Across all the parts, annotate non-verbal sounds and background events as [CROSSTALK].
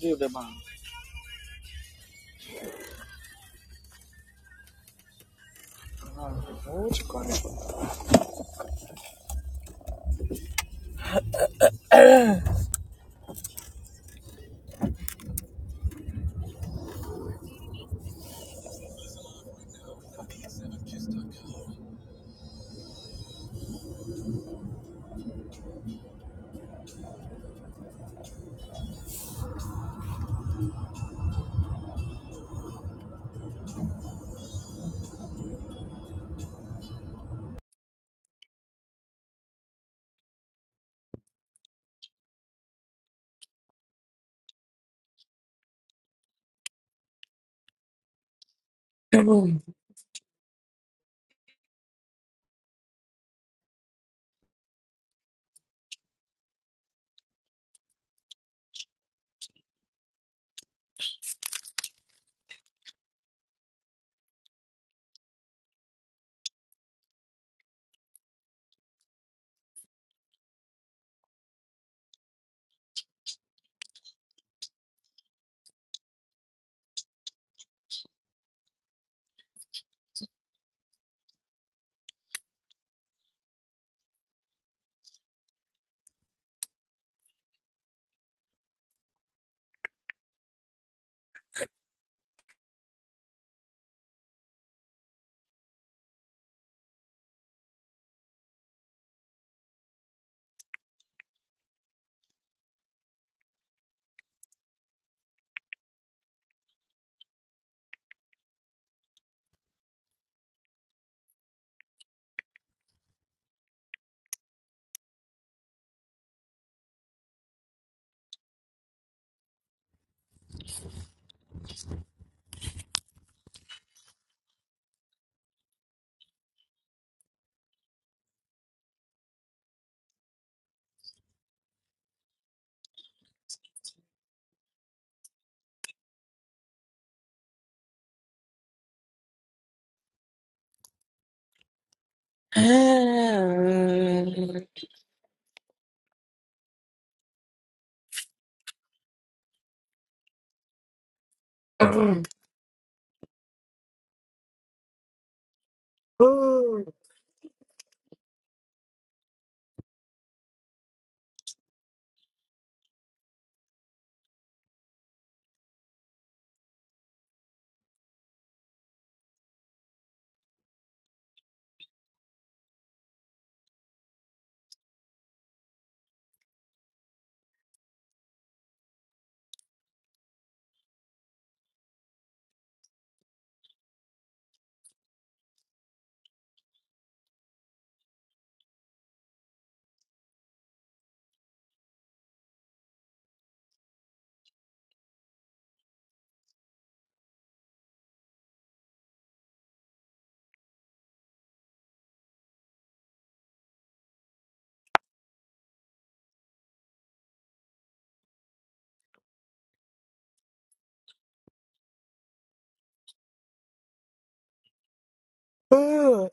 Give them a what you call it? Boom. Boom. Boom. Boom.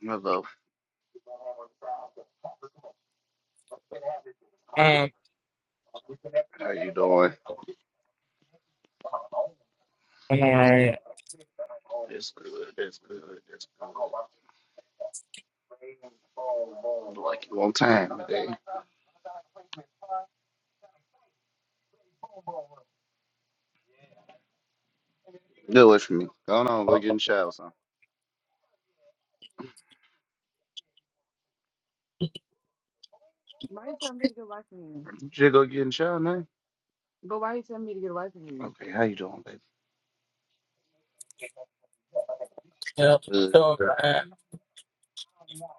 Hello. Um, How you doing? I'm Alright, It's good. It's good. It's good. Like you on time today. Deal with me. Go on, go get in the shower, son. You should go get in the shower now. But why you telling me to get away from you? Okay, how you doing, baby? Good.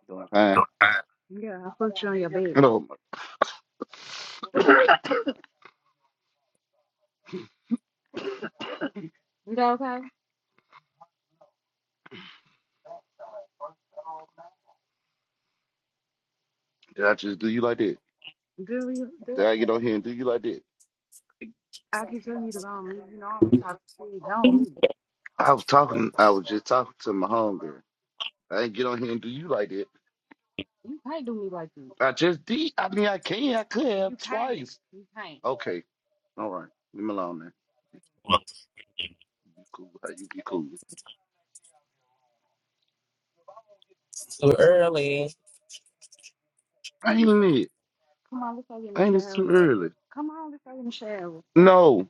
Doing fine. Yeah, I fucked you on your bed. Hello. Did I just do you like that? Do you? Do Did I get on here and do you like that? I was talking. I was just talking to my homegirl. I didn't get on here and do you like that. I just did. I mean, I can. I could have You can't. twice. You can't. Okay. All right. Leave me alone now. You cool. How you be cool? so early. I ain't it. ain't it too early. No.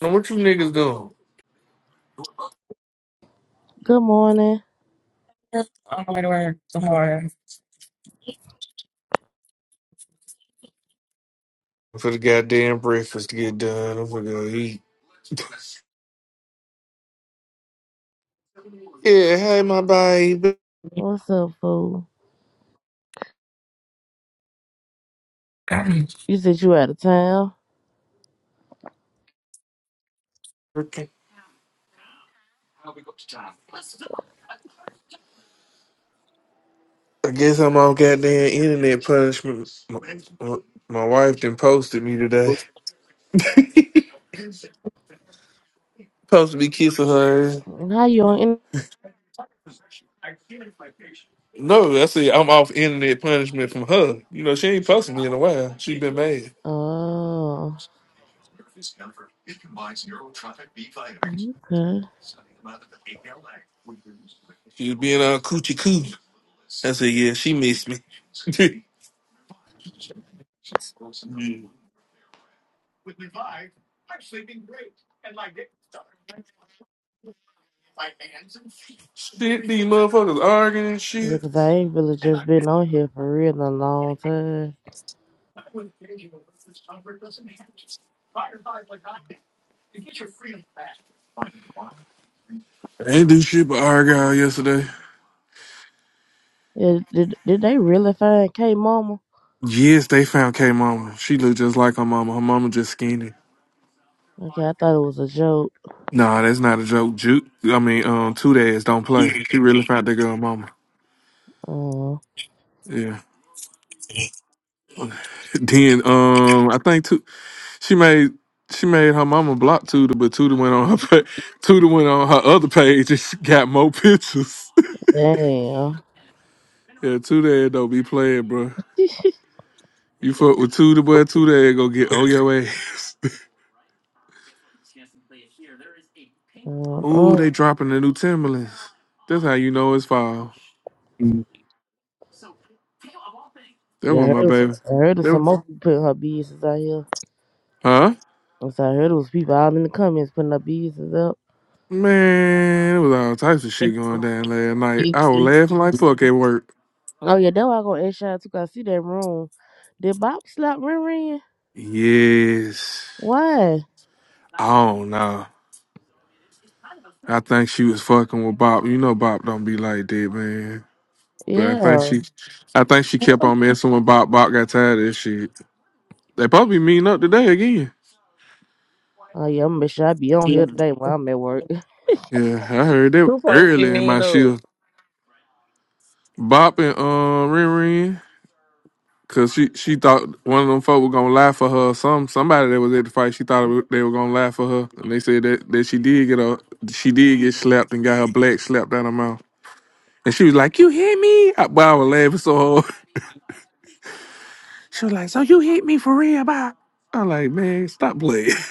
Now, What you niggas doing? Good morning. I'm going to work tomorrow. For the goddamn breakfast to get done, I'm gonna go eat. [LAUGHS] Yeah, hey, my baby. What's up, fool? [CLEARS THROAT] You said you out of town. Okay. I guess I'm on goddamn internet punishment. My, my, my wife done posted me today. Supposed to be kissing her. How you on? In- No, I said I'm off internet punishment from her. You know, she ain't posted me in a while. She been mad. oh, okay. She was being on coochie coo. I said, yeah, she missed me. [LAUGHS] Yeah. Shit, these motherfuckers arguing and Yeah, shit. 'cause I ain't really just been on here for real in a long time. They ain't do shit but argue all yesterday. Yeah, did did they really find K Mama? Yes, they found K Mama. She looked just like her mama. Her mama just skinny. Okay, I thought it was a joke. Nah, that's not a joke. Juke, I mean, um, two days don't play. She really found that girl mama. Oh, Yeah. [LAUGHS] Then, um, I think two. She made she made her mama block Tudor, but Tudor went on her pa- Tudor went on her other page and [LAUGHS] she got more pictures. damn. [LAUGHS] yeah, two days don't be playing, bro. [LAUGHS] You fuck with Tudor, boy. Two days go get on your ass. Ooh, Uh-uh. they dropping the new Timberlands. That's how you know it's fall. That Yeah, I one, heard, my of some, baby. I heard of That some one, more people putting her business out here. huh? And So I heard it was people out in the comments putting her business up. Man, it was all types of shit going down last night. I was laughing like fuck at work. Oh yeah, that's why I gonna ask y'all too. 'cause I see that room. Did Bob slap Ren Ren? Yes. Why? Oh no. I think she was fucking with Bob. You know Bob don't be like that, man. But I think Yeah. she I think she kept on messing with Bob. Bob got tired of that shit. They probably meeting up today again. Oh yeah, I'm gonna make sure I be on here today while I'm at work. [LAUGHS] Yeah, I heard that You supposed to be early in mean my shift. up. Bob and uh Ren Ren. Cause she she thought one of them folk were gonna lie for her. Or some somebody that was at the fight, she thought it wa- they were gonna lie for her, and they said that, that she did get a she did get slapped and got her black slapped out her mouth. And she was like, "You hit me!" I, but I was laughing so hard. [LAUGHS] She was like, "So you hit me for real, bye?" I'm like, "Man, stop playing. [LAUGHS]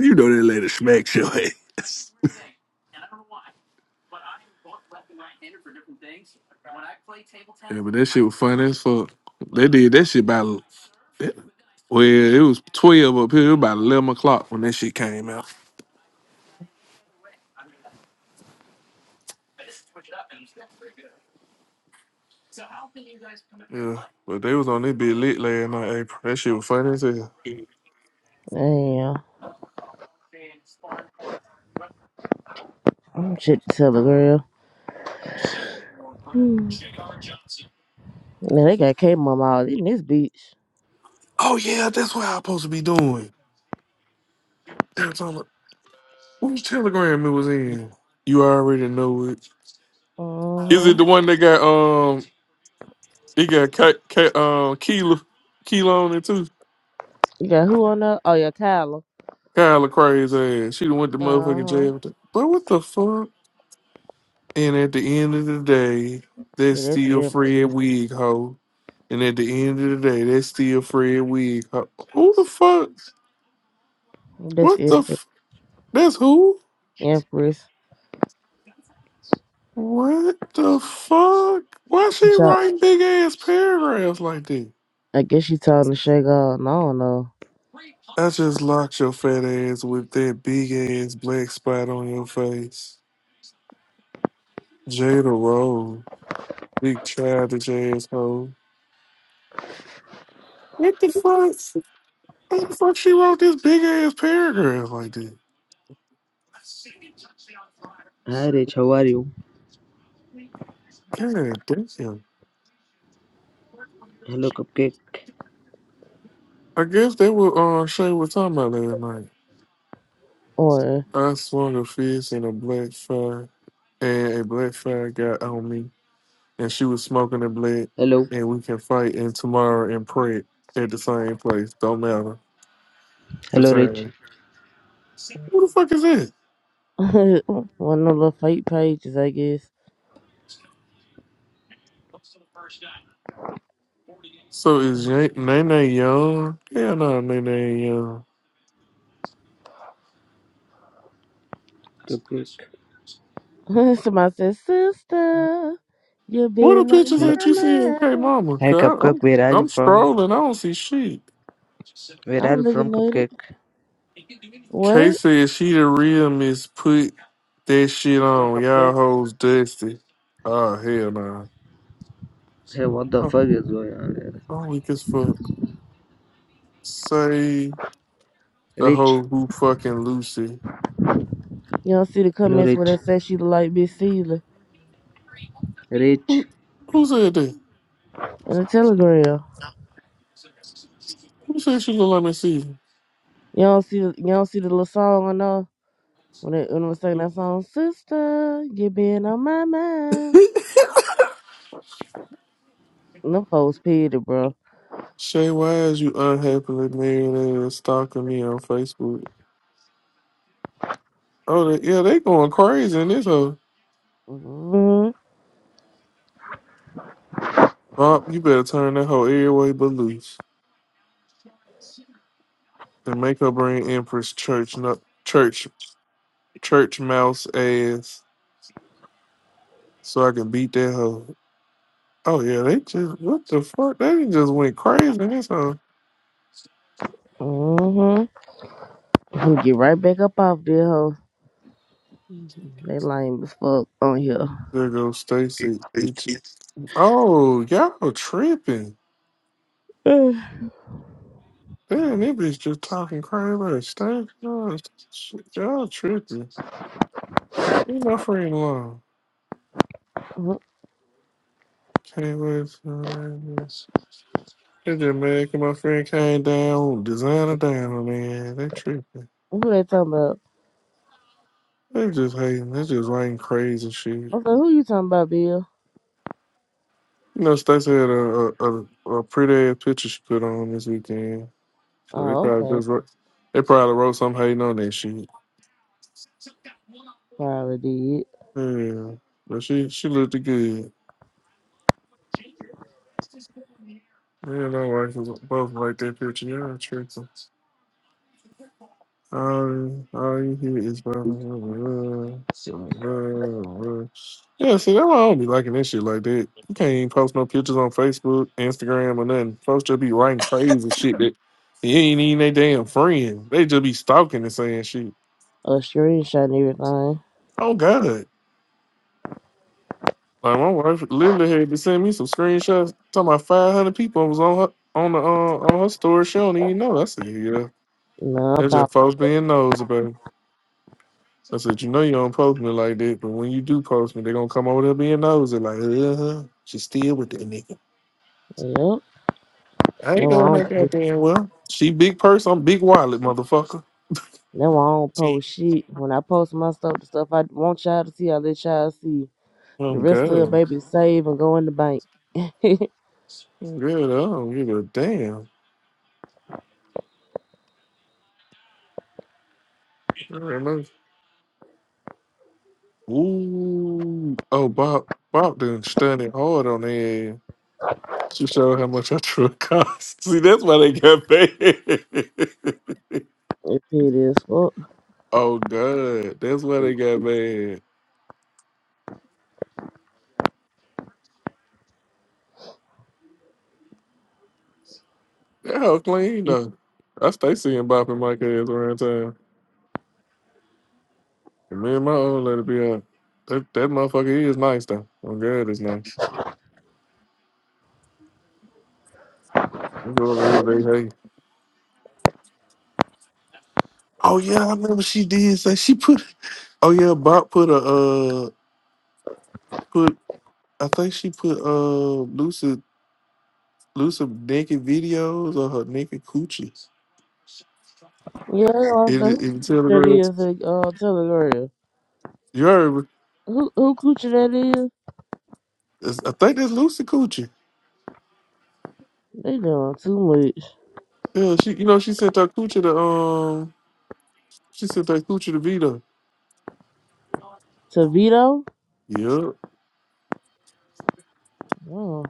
You know that lady smacks your ass." [LAUGHS] Yeah, but that shit was funny as fuck. They did that shit by. Well, it was 12 up here. It was about 11 o'clock when that shit came out. Yeah. But they was on this bit lit last night, April. That shit was funny as hell. Damn. I'm shit to tell a girl. Hmm. Now they got K mom all in this bitch. Oh, yeah, that's what I'm supposed to be doing. They were talking about, whose telegram it was in? You already know it. Is it Uh-huh. the one that got, um, it got Ka- Ka- um, Keela, Keela on it too? You got who on there? Oh yeah, Kyla. Kyla crazy ass. She done went to motherfucking Uh-huh. jail. with that. But what the fuck? And at the end of the day, Yeah, that's that's still Fred Empress. Wig, hoe. And at the end of the day, that's still Fred Wig. Huh, Who the fuck? That's What the? Empress. F- that's who? Empress. What the fuck? Why She she thought writing big ass paragraphs like that? I guess she talking to Shay God. and I don't know. I just locked your fat ass with that big ass black spot on your face. Jada Rose, big childish ass hoe. What the fuck? How the fuck she wrote this big ass paragraph like that? Hi Rich, how are you? God damn. Hello Cupcake. I guess they were uh Shay was talking about last night. Or I swung a fist and a black fire and a black fire got on me and she was smoking a black Hello. and we can fight and tomorrow and pray at the same place. Don't matter. The Hello Rich. same. Who the fuck is that? [LAUGHS] one of the little fake pages, I guess. So is Ye- Nene young? Hell no, Nene ain't young. Cupcake. [LAUGHS] Somebody said, Sister, you What are the been on pictures my Hello. that you see in K mind. Mama? Hi 'Cause I, Cupcake, I'm where are you I'm from? strolling. I don't see shit. Where are I'm you from looking at it. Cupcake? Kay What? said she the real miss put that shit Hello on. Y'all Cupcake. hoes dusty. Oh hell nah. Hey, what the Oh, fuck is going on here? I'm weak as fuck. Say the Rich. whole who fucking Lucy. You don't see the Hello comments where Rich. that says she look like Miss Caesar Rich. Who, who said that? in the telegram. Who said she look like Miss Season? You don't see the, you don't see the little song on there when they when they sing that song, Sister, you been on my mind. Them folks pity, bro. Shay, why is you unhappily married and stalking me on Facebook? Oh, they, yeah, they going crazy in this hoe. hmm Bob, you better turn that hoe every way but loose and make her bring Empress Church, no, church church mouse ass so I can beat that hoe. Oh yeah, they just what the fuck? They just went crazy in this hoe. hmm i get right back up off there, hoe. They lame as fuck on here. There goes Stacy. Get you- Oh, y'all tripping. [SIGHS] Who Damn, that bitch just talking crazy like Stacy. Y'all shit, y'all tripping. Leave my friend alone. Can't wait for this. It just mad 'cause my friend came down, designer down, man. They tripping. who they talking about? They just hating. They just writing crazy shit. I said, who you talking about, Bill? You know, Stacey had a, a, a, a pretty ass picture she put on this weekend. So they Oh, probably okay. just wrote, they probably wrote some hating on that shit. Probably did. Yeah, but she she looked good. Yeah, my wife was both like that picture. Yeah, tricky. All, all you hear is [LAUGHS] blah, blah, blah, blah, blah, blah. yeah. See, that's why I don't be liking this shit like that. You can't even post no pictures on Facebook, Instagram, or nothing. Folks just be writing crazy shit that you ain't even they damn friend. They just be stalking and saying shit. A screenshot and everything. Oh God! Like my wife literally had to send me some screenshots. Talking about five hundred people was on her on the uh, on her story. She don't even know. I said, yeah, No, I that's thought, just folks being nosy, baby. I said, you know you don't post me like that, but when you do post me, they gonna come over there being nosy. Like, uh huh, she still with that nigga. yep. I ain't No, going I that don't. goddamn well. She big purse, I'm big wallet, motherfucker. That's why I don't post shit. When I post my stuff, the stuff I want y'all to see, I let y'all see. Oh The rest of it, God, baby, save and go in the bank. [LAUGHS] it I'm good. I don't give a damn. I don't know. Ooh, oh Bob, Bob done studied hard on that. She showed how much her truck cost. [LAUGHS] See, that's why they got banned. is fuck. [LAUGHS] oh God, that's why they got banned. That hoe clean though. I stay seeing Bop and Mike ass around town. And me and my old lady be out. That that motherfucker is nice though. Oh God, it's nice. I go over here, they hey. Oh yeah, I remember she did say she put. Oh yeah, Bop put a uh put. I think she put uh Lucid Lucid naked videos of her naked coochies. Yeah, In, also, who in the that Telegram. is a uh, Telegram. You heard? Who who coochie that is? It's- I think that's Lucy Coochie. They doing too much. Yeah, she. You know, she sent her coochie to um. She sent her coochie to Vito. To Vito? Yep. Wow.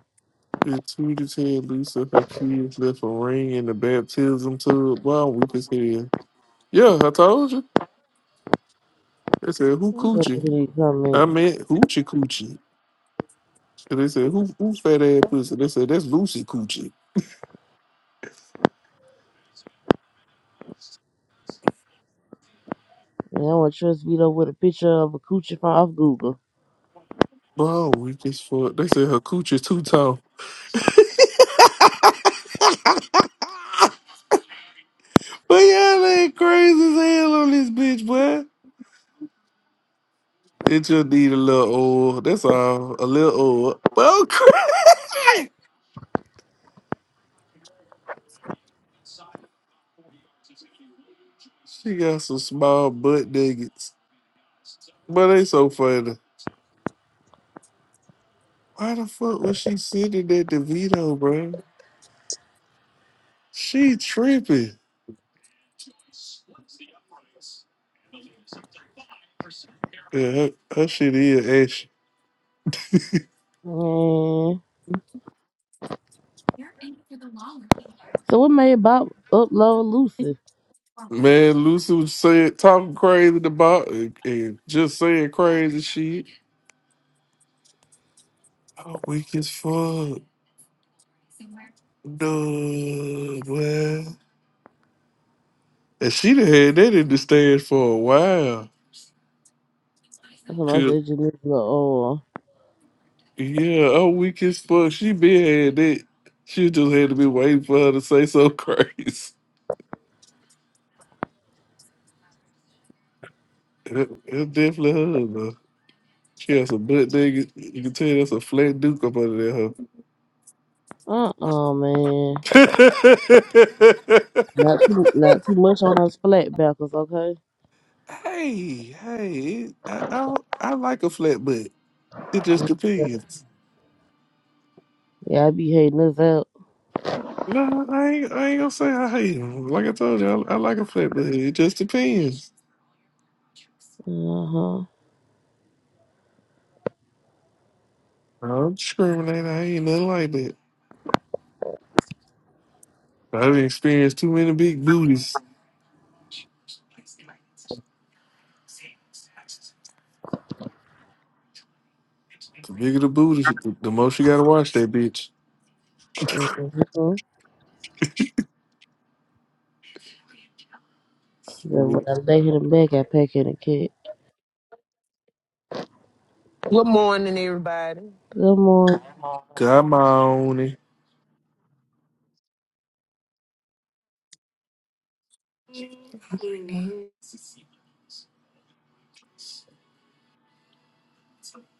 It tweeted said Lisa, her kids left a ring in the baptism tub. Wow, weak as hell. Yeah, I told you. They said who I'm gonna look at coochie? these comment. I meant hoochie coochie. And they said who who fat ass pussy? They said that's Lucy coochie. Yeah, I want to trust Vito with a picture of a coochie from off Google. Wow, weak as fuck. They said her Coochie's too tall. [LAUGHS] but yeah, they crazy as hell on this bitch, boy. It just need a little oil. That's all. A little oil. Well, [LAUGHS] Christ! she got some small butt nuggets, but they so funny. Why the fuck was she sitting at DeVito, bro? She tripping. Yeah, her, her shit is ashy. Man. So what made Bob upload Lucy? Man, Lucy was saying talking crazy about and, and just saying crazy shit. Oh, weak as fuck. No, man. And she done had that in the stands for a while. Somebody Cause said Janessa. Oh, yeah, I'm weak as fuck. She been had it. She just had to be waiting for her to say something [LAUGHS] crazy. It- It's definitely her though. She has a butt nigga. You can tell that's a flat duke up under there. Huh? uh-uh, man. Not too, not too much on those flat flatbackers, okay? [LAUGHS] hey, hey, it- I, I I like a flat butt. It just depends. Yeah, I be hating this out. No, I ain't, I ain't gonna say I hate him. Like I told you, I, I like a flat butt. It just depends. Uh huh. I don't discriminate. I ain't nothing like that. I have experienced too many big booties. The bigger the booty, shit, the, the most you gotta watch that bitch. Come Uh-huh. Then when I lay him back, I pack in a kid. Good morning, everybody. Good morning. Oh, on. it. Morning.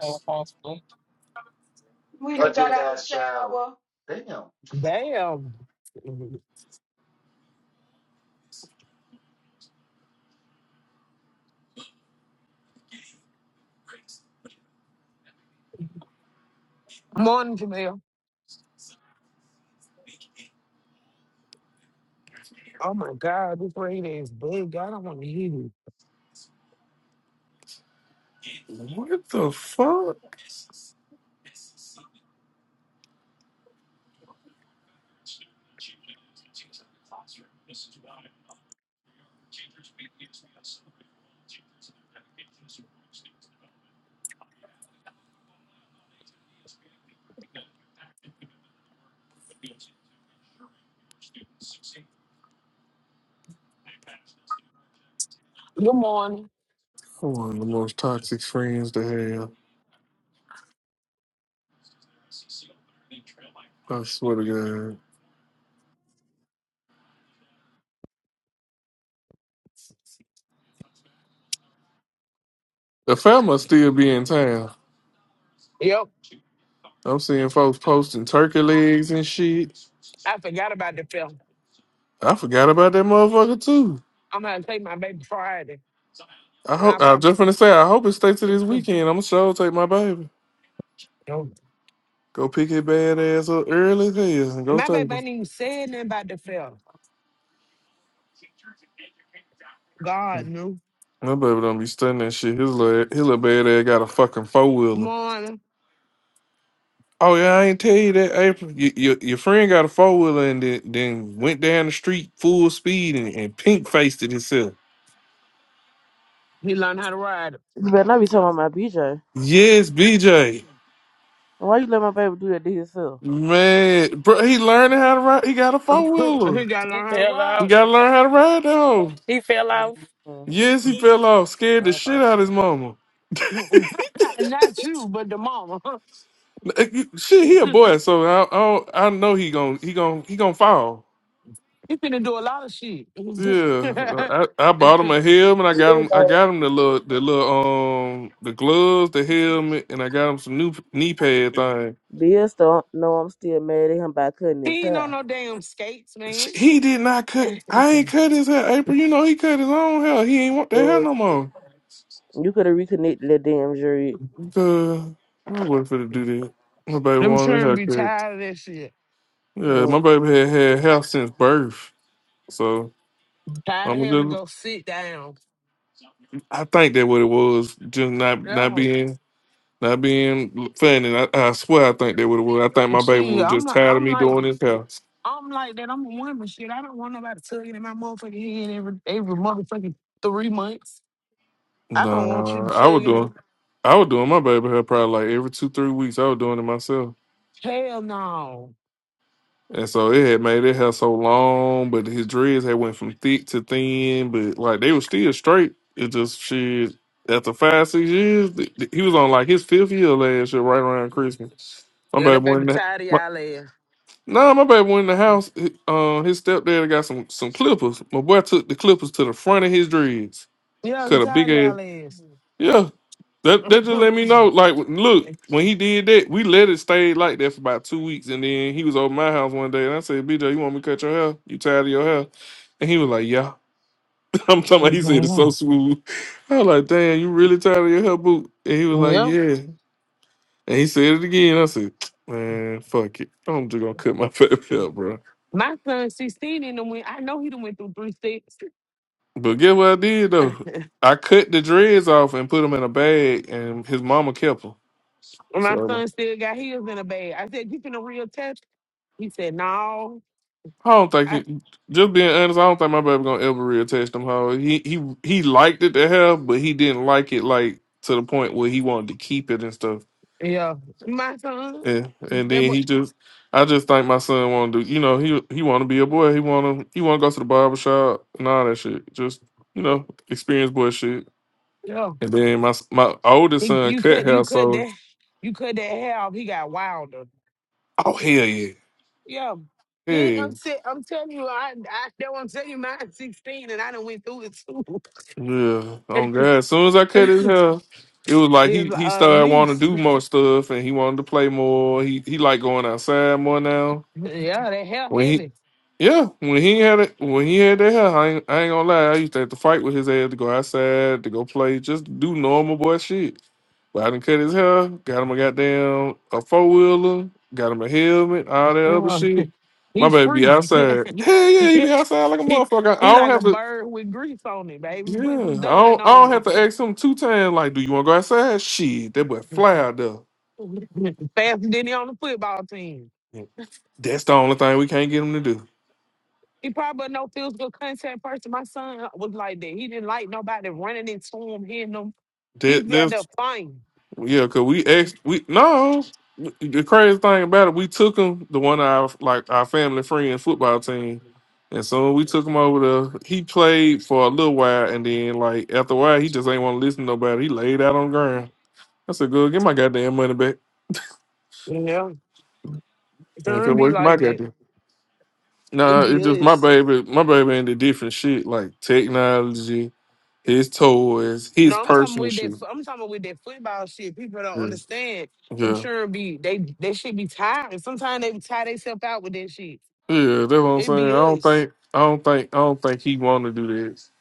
man, possible. Damn. Damn. Morning, Jamel. Oh my God, this rain is big. I don't want to hear you. What the fuck? Good morning. i One of the most toxic friends to have. I swear to God. The family still be in town. Yep, I'm seeing folks posting turkey legs and shit. I forgot about the film. I forgot about that motherfucker too. I'm gonna take my baby Friday. I And I hope I was probably just gonna say I hope it stays to this [LAUGHS] weekend. I'ma sure take my baby. Go pick his bad ass up early as hell and go my take baby her. ain't even said nothing about the film. God knew. My baby don't be studying that shit. His little, his little bad ass got a fucking four wheeler. Morning. Oh yeah, I ain't tell you that, April. Your, your, your friend got a four wheeler and then, then went down the street full speed and, and pink faced it himself. He learned how to ride. it. You better not be talking about my BJ. And Yes, BJ. Why you let my baby do that to himself? Man, bro, he learning how to ride. He got a four [LAUGHS] he wheeler. gotta He learn how to fell He off. ride. gotta learn how to ride though. He fell off. Huh. Yes, he fell off, scared the Oh my shit out of his god. mama. it. [LAUGHS] Not you, but the mama. [LAUGHS] N- eh, you- Shit, he a boy, so I, I, don't- I know he gon' he gon' he gonna fall. He finna do a lot of Yeah, shit. uh, I, I bought [LAUGHS] him a helmet. I Bill got him. I know- got him the little, the little, um, the gloves, the helmet, and I got him some new p- knee pad thing. Bill still know I'm still mad at him by cutting his He ain't on hair. no damn skates, Sh- man. [LAUGHS] He did not cut. Them I ain't cut his hair, April. You know he cut his own hair. He ain't want that hair Lord. no more. You could have reconnected that damn jury. The I wasn't finna do that. My baby wanted a children be haircut. tired of that shit. Yeah, my Mm. baby had had hair since birth, so Tired of I'm having to just. go sit down. I think that what it was, just not not Yo, being. Not being funny, I, I swear I think they would have. I think my baby see, was I'm just like, tired of I'm me like, doing his hair. I'm like that. I'm a woman, shit. I don't want nobody tugging in my motherfucking head every every motherfucking three months. I don't want Nah, you I was tugging him. doing, I was doing my baby hair probably like every two three weeks. I was doing it myself, Hell no. and so it had made it hair so long, but his dreads had went from thick to thin, but like they were still straight. It just shit. After five six years, th- th- he was on like his fifth year last year, right around Christmas. My Yeah, that baby baby went. in the, tired of y'all ass. Nah, my baby went in the house. He- Uh, his stepdad got some some clippers. My boy took the clippers to the front of his dreads. Yeah, he Cut a tired big of ass. y'all ass. Yeah, that that just [LAUGHS] let me know. Like, yeah. look, when he did that, we let it stay like that for about two weeks, and then he was over my house one day, and I said, "BJ, you want me to cut your hair? You tired of your hair?" And he was like, "Yeah." [LAUGHS] I'm talking about. He said it's so smooth. I was like, "Damn, you really tired of your hair, boot?" And he was like, "Yeah." And he said it again. I said, [TSK] "Man, fuck it. I'm just gonna cut my [LAUGHS] baby hair, bro." My son 16 and them went, I know he done went through three sticks. But get what I did though. I cut the dreads off and put them in a bag, and his mama kept them. My So son still got his in a bag. I said, You finna real test? He said, No. I don't think, I, he, just being honest, I don't think my baby gonna ever reattach them. How he he he liked it to have, but he didn't like it like to the point where he wanted to keep it and stuff. yeah. My son, And and that then boy, he just, I just think my son want to do. You know, he he want to be a boy. He want to he want to go to the barber shop and all that shit. Just you know, experience boy shit. yeah. And then my s- my He, oldest son you cut cut hair, you cut so that you cut that hair off, he got wilder. oh hell yeah. Yeah. Yeah, Yeah, I'm, t- I'm telling you, I, I that what I'm telling you, mine's [LAUGHS] 16 and I done went through it too. yeah. [LAUGHS] Oh God! As soon as I cut his hair, it was like he It's he uh, started wanting lease. to do more stuff, and he wanted to play more. He he like going outside more now. Yeah, that hell When he heavy. yeah, when he had it, when he had that hair, I ain't, I ain't gonna lie. I used to have to fight with his ass to go outside to go play, just do normal boy shit. But I done cut his hair, got him a goddamn a four wheeler, got him a helmet, all that other Uh, [LAUGHS] shit. My he's baby be free. [LAUGHS] outside. Yeah, yeah, he he, be outside like a he, motherfucker. I he don't like a have to. bird with grease on it, baby. Yeah, I Put some dun don't, I on don't me. have to [LAUGHS] ask him two times. Like, do you want to go outside? Shit, that boy fly out there. Faster than he on the football team. Yeah. That's the only thing we can't get him to do. He probably no physical contact person. My son was like that. He didn't like nobody running into him, hitting him. He used That to be out there that's fighting. yeah, cause we asked we no. The crazy thing about it, we took him the one of our like our family friend football team, and so we took him over there. He played for a little while, and then like after a while, he just ain't want to listen to nobody. He laid out on the ground. I said, "Good, get my goddamn money back." Yeah, it And if it don't be works, my like that. goddamn. It Nah, be it's just my us. baby. My baby into different shit like technology, his toys, his No, I'm talking personal with that. shit. I'm talking with that football shit. People don't Yeah, understand. I'm yeah, sure it be they. They should be tired. Sometimes they tie themselves out with that shit. yeah. That's what I'm It saying. I be don't us. think, I don't think, I don't think he want to do this.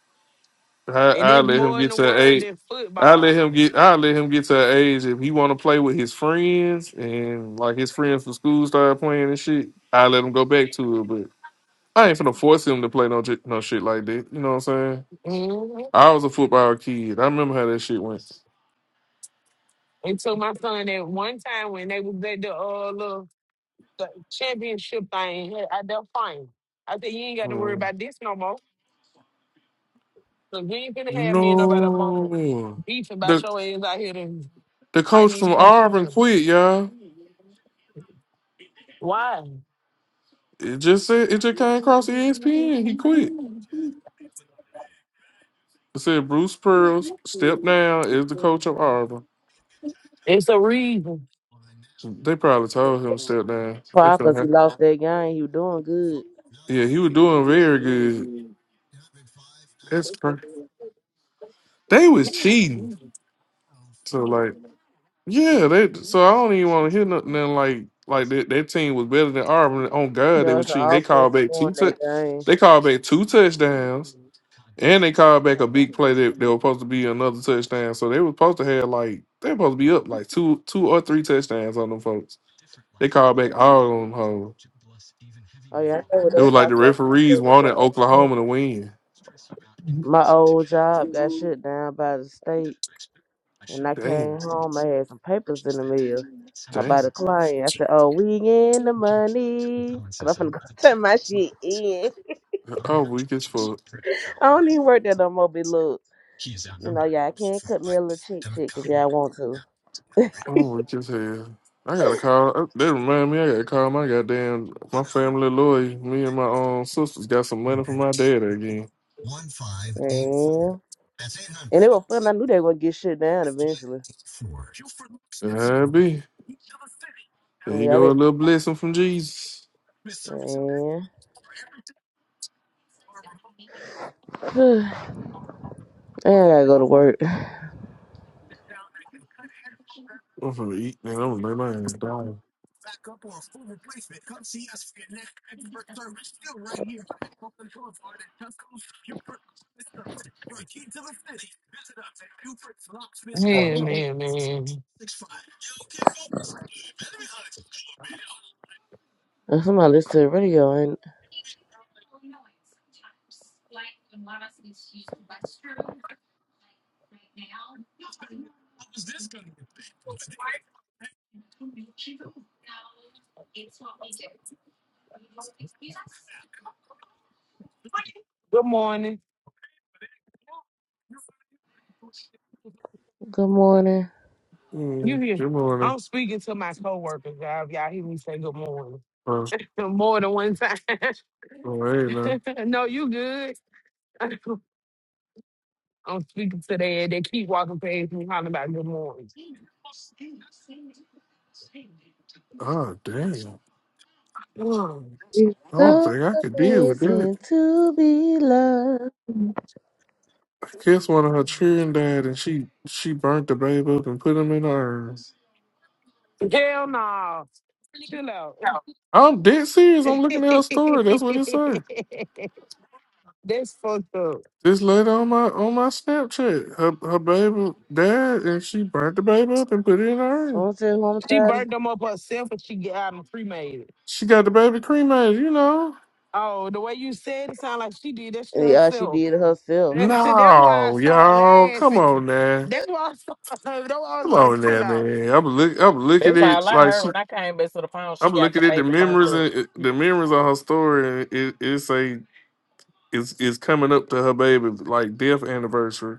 I, And I there's let him more in get the to an world age. than I let football. him get. I let him get to an age if he want to play with his friends and like his friends from school start playing and shit. I let him go back to it, but I ain't finna force him to play no j- no shit like that. You know what I'm saying? hmm I was a football kid. I remember how that shit went. And so my son at one time when they was at the uh little the championship thing at at that fine. I said, You ain't gotta worry Mm. about this no more. Cause you ain't gonna have me and nobody No, mama beefing about the your ass out here and the fighting coach these from folks. Auburn children. quit, y'all. Why? It just said it just came across ESPN. He quit. It said Bruce Pearls step down is the coach of Auburn. It's a reason. They probably told him step down. They Why? finna Cause he have- lost that game. He was doing good. yeah, he was Hey, man, doing very good. That's crazy. They was cheating. So like, yeah, they. So I don't even want to hear nothing then, like like that. That team was better than Auburn. On God, they Yo, was it's cheating. all They supposed called to back won two. tou- that game. They called back two touchdowns And they called back a big play that they were supposed to be another touchdown. So they were supposed to have like they were supposed to be up like two two or three touchdowns on them folks. They called back all on them hoes. Oh yeah, I know what It else was I like the thought you referees wanted said, [LAUGHS] Oklahoma to win. My old job got shut down by the state, and I came Damn, home. I had some papers in the mail about a damn. client. I said, "Oh, we in the money." Cause I'm finna go [LAUGHS] turn my shit in. Oh weak as fuck. I don't even work there no more. but look, you know, y'all can't cut me a little cheek check if y'all want to. Oh weak as hell. I gotta call uh, They remind me I gotta call my goddamn my family lawyer. Me and my own sisters got some money from my dad again. Yeah. And it was fun. I knew they were gonna get shut down eventually. I be. There you Yeah, go, a I little blessing from Jesus. mean, yeah. [SIGHS] and I gotta go to work. I'm gonna eat, man. I'm gonna lay my hand down. Yeah, man. [SIGHS] Somebody listen to the radio. I ain't Good morning. Good morning. You Mm, here? good morning. I'm speaking to my coworkers, y'all. If Y'all hear me say good morning Oh, [LAUGHS] more than one time. oh, hey, [LAUGHS] no, you good. [LAUGHS] I'm speaking to them. They keep walking past me, hollering about good morning. Oh, damn. [SIGHS] It's I don't so think I could deal with that. amazing to be loved. I guess one of her children died and she she burnt the babe up and put him in her urn. Hell no. Chill out. I'm dead [LAUGHS] serious. I'm looking at her story. That's what it say. That's fucked up. This lady on my on my Snapchat, her her baby died and she burnt the baby up and put it in her I urn. want to say one She more time. burnt them up herself and she got them cremated. She got the baby cremated, you know. Oh, the way you said it sounded like she did that shit Yeah, she herself. did it herself. [LAUGHS] That's why I No, started y'all, come laughing. [LAUGHS] on now, That's why I started. [LAUGHS] That's why I was come like, on chill now, out. man. I'm look, I'm looking at That's all I like heard she when I came back to the phone. She I'm got the looking at the baby burnt memories up. and uh, the memories of her story, and it, it's a it's it's coming up to her baby like death anniversary,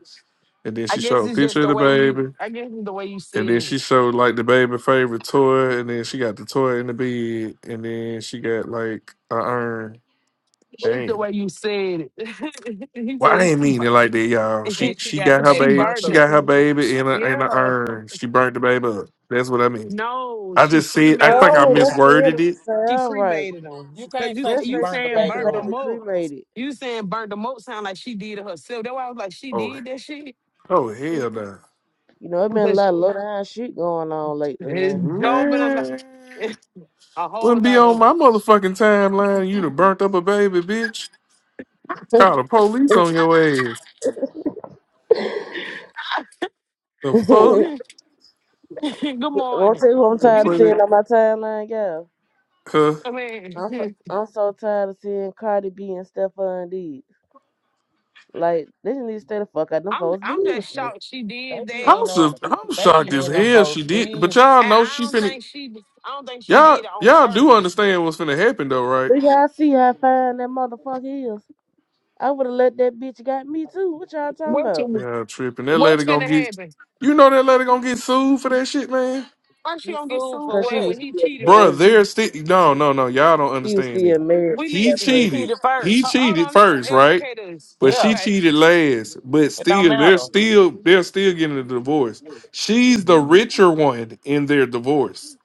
and then I she guess showed a it's just picture of the the way you. baby, I guess it's the way you and then said it. she showed like the baby favorite toy, and then she got the toy in the bed, and then she got like a urn. It's the Damn. way you said it. [LAUGHS] he Well, I said ain't she mean it burnt. like that, y'all. She said she she got got the [LAUGHS] her baby she baby. burnt burnt. She got up. her baby in [LAUGHS] a in a yeah. urn. She burnt the baby up. That's what I mean. No, I she just said. I cremated think I No, them. that's the end misworded of the it. She sound right. cremated them You because can't you say That's she you like burnt she the saying got the baby burnt up. baby them up. cremated. You saying burnt them up sound like she did it herself. That's why I was like, she Oh, did that shit. oh hell no. You know, it [LAUGHS] been a because lot of low down shit going on lately now. it's Job and a, lot- Man, [LAUGHS] a whole wouldn't be lot on of. my motherfucking timeline. You'd have burnt up a baby, bitch. Call the police on your ass. The Won't fuck? tell [LAUGHS] Good morning. you who I'm Don't tired You, of play seeing that. on my timeline, girl. Huh? I mean, I'm so, [LAUGHS] I'm so tired of seeing Cardi B and Stephon D. Like, they just need to stay the fuck out of them I'm folks' I'm just business. shocked she They did that. be in I'm them, so, I'm they shocked be as in them And hell folks. she did. But Bees. y'all know I she don't finna. think she I don't think she Y'all did it on y'all do purpose. understand what's finna happen though, right? Do y'all see how fine that motherfucker is? I would have let that bitch got me too. What y'all talking What's about? Y'all tripping. That what's lady gonna gonna get. happen? You know that lady gonna get sued for that shit, man. First, she you gonna get fool sued for for Because she that what? was when he still cheated Bruh, married. first. they're still. No, no, no. Y'all don't She was understand still it. married. when We She He got She listening. pregnant. cheated. cheated He first. Ho- hold cheated on, let him first, right? educate us. But Yeah, she Okay, cheated last, but it don't still, they're matter still they're still getting a divorce. She's the richer one in their divorce.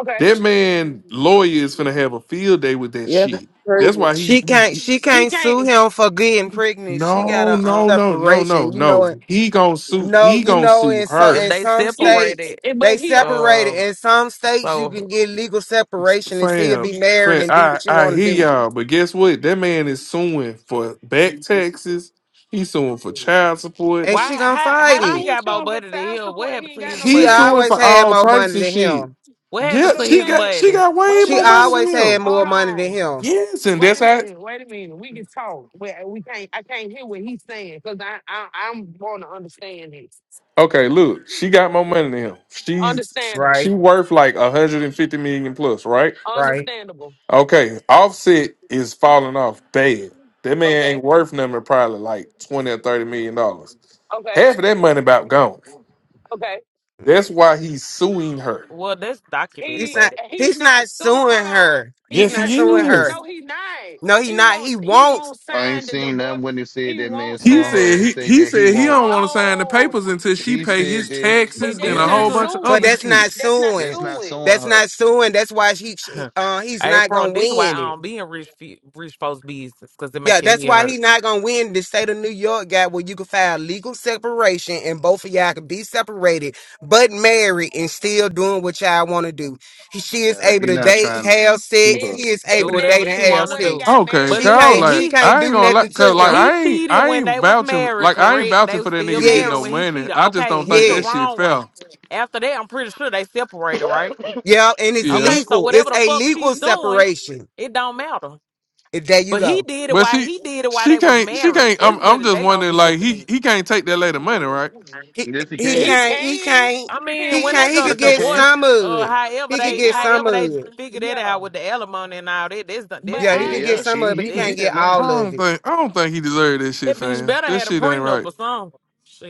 okay. That man lawyer is gonna have a field day with that Yeah, because shit. she's That's pregnant. why he, She he, can't. he- She He can't sue can't. him for getting pregnant. She got no a um, no no no no separation. You know no. it. He gonna sue No, he you gonna know sue in some if her, in they some He, states separated. they but he, uh, separate it. Um, In some states you can so get legal separation and still fam. be married Fam, and do I what you I want to hear do. y'all, but guess what? That man is suing for back taxes. He's suing for child support. And she why? gonna How? fight How how she it. he got more showing for money than child him? What support? He happened to ain't got his no She He's money? suing children. always for had all more types money of than shit. him. What Yeah, happened But to I'm she his saying, got she money? got way wait a She more money minute. than always had him. Hold more money than on. him. Yes, and Wait that's a how. minute. Wait a minute. We can talk. We, we can't. I can't hear what he's saying because I, I I'm want to understand this. Okay, look, she got more money than him. She's Understandable. she Right. worth like a hundred and fifty million plus, right? Right. Understandable. Okay, Offset is falling off bad. That man Okay. ain't worth nothing. Probably like twenty or thirty million dollars. Okay. Half of that money about gone. Okay. That's why he's suing her. Well, that's documented He's He not. money. he's He's not not soon. suing Hold on. her. He's He's Yes, not not he suing soon. her. is. No, he not. No, he He not. won't. He He won't. won't I ain't sign the seen that divorce. when they said He that man won't sign. He suing her. said It he said he that he said he won't. don't want to sign the No, papers until she He pay his said that, but See, taxes and this that's a yeah, is not whole his a bunch of But other suing. that's shit. not That's not suing. that's not suing. suing That's her. not suing. That's why he she- uh [LAUGHS] he's not April. gonna This is why win I it. don't be in rich fe- rich folks' business because it Yeah, make your that's head why hurt. he's not gonna win the state of New York got where you can file legal separation and both of y'all can be separated but married and still doing what y'all want to do. He, she is Yeah, able he to not date, trying to have sue sex. her. Is He is Do is able to that whatever date and she is have that wanna where they do. sex. got Okay, But married She at? Kyle, can't. listen, She like he can't I ain't do gonna nothing like, to cause like him. he I ain't cheated I when ain't they was vouching married, like I ain't correct? They vouching for was that still nigga to get married no Yes. when he money. cheated. I just Okay, don't he think the that Yes. shit wrong one. fell. After that, I'm pretty sure they separated, right? Yeah. And it's Yeah, Okay, so legal. It's whatever the a fuck legal she's doing, separation. it don't matter. There you But go. he did it but while she he did it while she they was can't she married. can't. I'm That's I'm what just they gonna wondering be like looking he at. he can't take that lady money, right? He Yes, he he can. He can't. He can. can't. I He mean, He when can. they can't. He go to could Yes, he get divorce, can. some of uh, it. however He could they, He get can. uh, some however they of it. figure that Yeah. out with the alimony and all that, this, this, But Yeah, Yeah, he could this, I. get yeah. this, some of She it, but he he can can't that get that get money. I all of don't it. think I don't think he deserved that shit, That bitch fam. better That had a shit ain't prenup right. or something.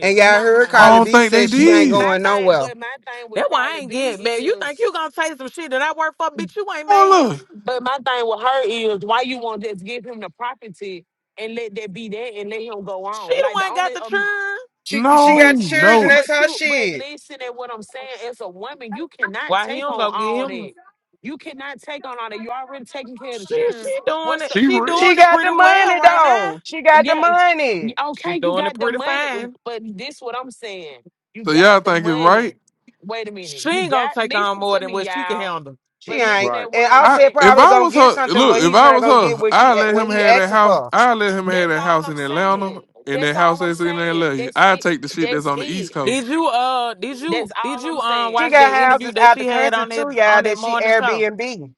And y'all heard Nah. I Carly don't B think they said she ain't But did. my going thing. nowhere. But my thing with That's why I Carly ain't B getting man. You think is. you gonna say some shit that I work for, bitch? You ain't made Oh me. look, But my thing with her is why you won't just give him the property and let that be that and let him go She on. the Like the one got only the um churn. She she no got but the still children. no. That's but her you but shit. listen at what I'm saying as a woman, you cannot Why he take don't on go get all him? that. You cannot take on all that. You already taking care of the She children. she doing What's it. the She She She doing it rich. got pretty the well money right now. though. She got the yeah money. She okay, you doing it got the pretty money, fine. but this what I'm saying. You So got y'all the think it's right? money. Wait a minute. She You ain't gonna got take on listen more to than me, what she can y'all. handle. She But ain't. listen at Right. And what I'm I Offset saying. if probably I gonna was her, get something, look, but if he's I not was gonna get her, what she I'd let what him he have that asking house. for. I'd let him have That's that all house I'm in Atlanta saying. and That's that house all I'm that's in saying. LA. That's I'd it. take the shit that's That's on the East it. Did Coast. you uh did you That's did all I'm you um saying. She watch that got It- it's interview houses that out the she had country on that too, y'all. on that That she morning show? Airbnb.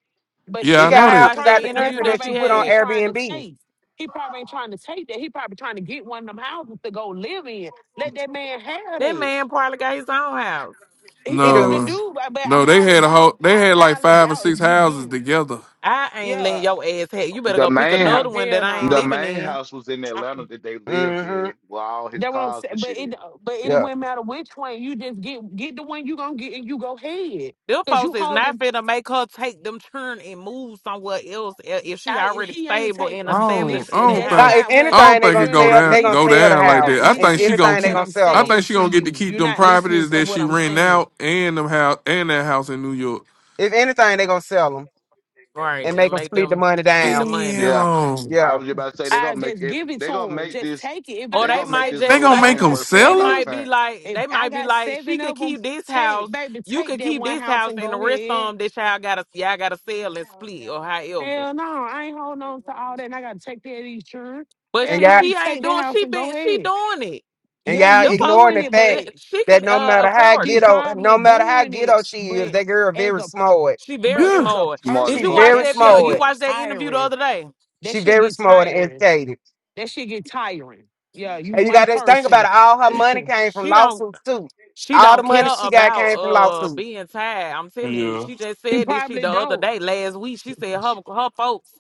but She Yeah, Did I she got know he y'all ain't that. watch houses out that trying the to that interview country that that probably she she ain't put what on he's had? trying to Airbnb. take. He probably ain't trying to take that. He probably trying to get one of them houses to go live in. Let that man have That that. man probably got his own house. He He do. probably No, do, but but I no, they highly had a doubt. whole. They I had like highly five or doubt if six you houses do. together. I ain't letting Yeah, your ass have. You better The go pick main hou- man, another one that hell I ain't the nah. living main in. house was in I, Atlanta that they lived hmm in, with all his that what I'm cars saying. and But shit. it but it Yeah. wouldn't matter which one. You just get get the one you gonna get and you go ahead. Them Cause folks you is holding not finna make her take them turn and move somewhere else i- if she I already he ain't stable take and I don't. established listen. I in the don't That's Now, house, think. if not what I anything, don't they think gonna it you're go sell. not down. they gonna Go sell the listening. down You're like that. not houses. I If think listening she to gonna anything, they what keep. gonna I'm sell I them. think saying she to gonna get to you. keep You're them not listening properties to that what she I'm rent saying. out and them house and that house in New York. If anything, they gonna sell them right? and make And them make split the them money split down. the money, Yeah, Damn, I Yeah. was just about to say they're I gonna make just it. give it They're gonna to him. make Just this. take it. If or I They're they got gonna make se- might this they just whole gonna if I make say thing them got worth they seven sell everybody's them? of, might be time. like if they I might be got like she seven can of them, keep this house, take baby, you take can that keep one this house house, and and the go rest of ahead. them this y'all gotta y'all gotta sell and split or however. Hell no, I ain't holding on to all that. And I gotta take that insurance. But And Hell she no, y'all, you she ain't take that doing house she and go been she ahead. doing it. and Yeah, y'all you Them folks ignoring doing the it, fact but th- she that can no uh, matter how afford she it. ghetto, no probably matter how doing ghetto it, she is, but that girl as very a smart. She very But Yeah. as a smart. Smart Did She as you person, fuck. watch very that that? video? shit You smart. get watched that interview the tiring. other day? That She shit very get smart and tiring. educated. That shit get tiring. Yeah, you And you got one to think about person. it. All her money came from She don't lawsuits too. she All the don't money care she got about came from uh lawsuits. being tired. I'm telling you. Yeah, She just He said this she probably the other don't. day last week. She said her her folks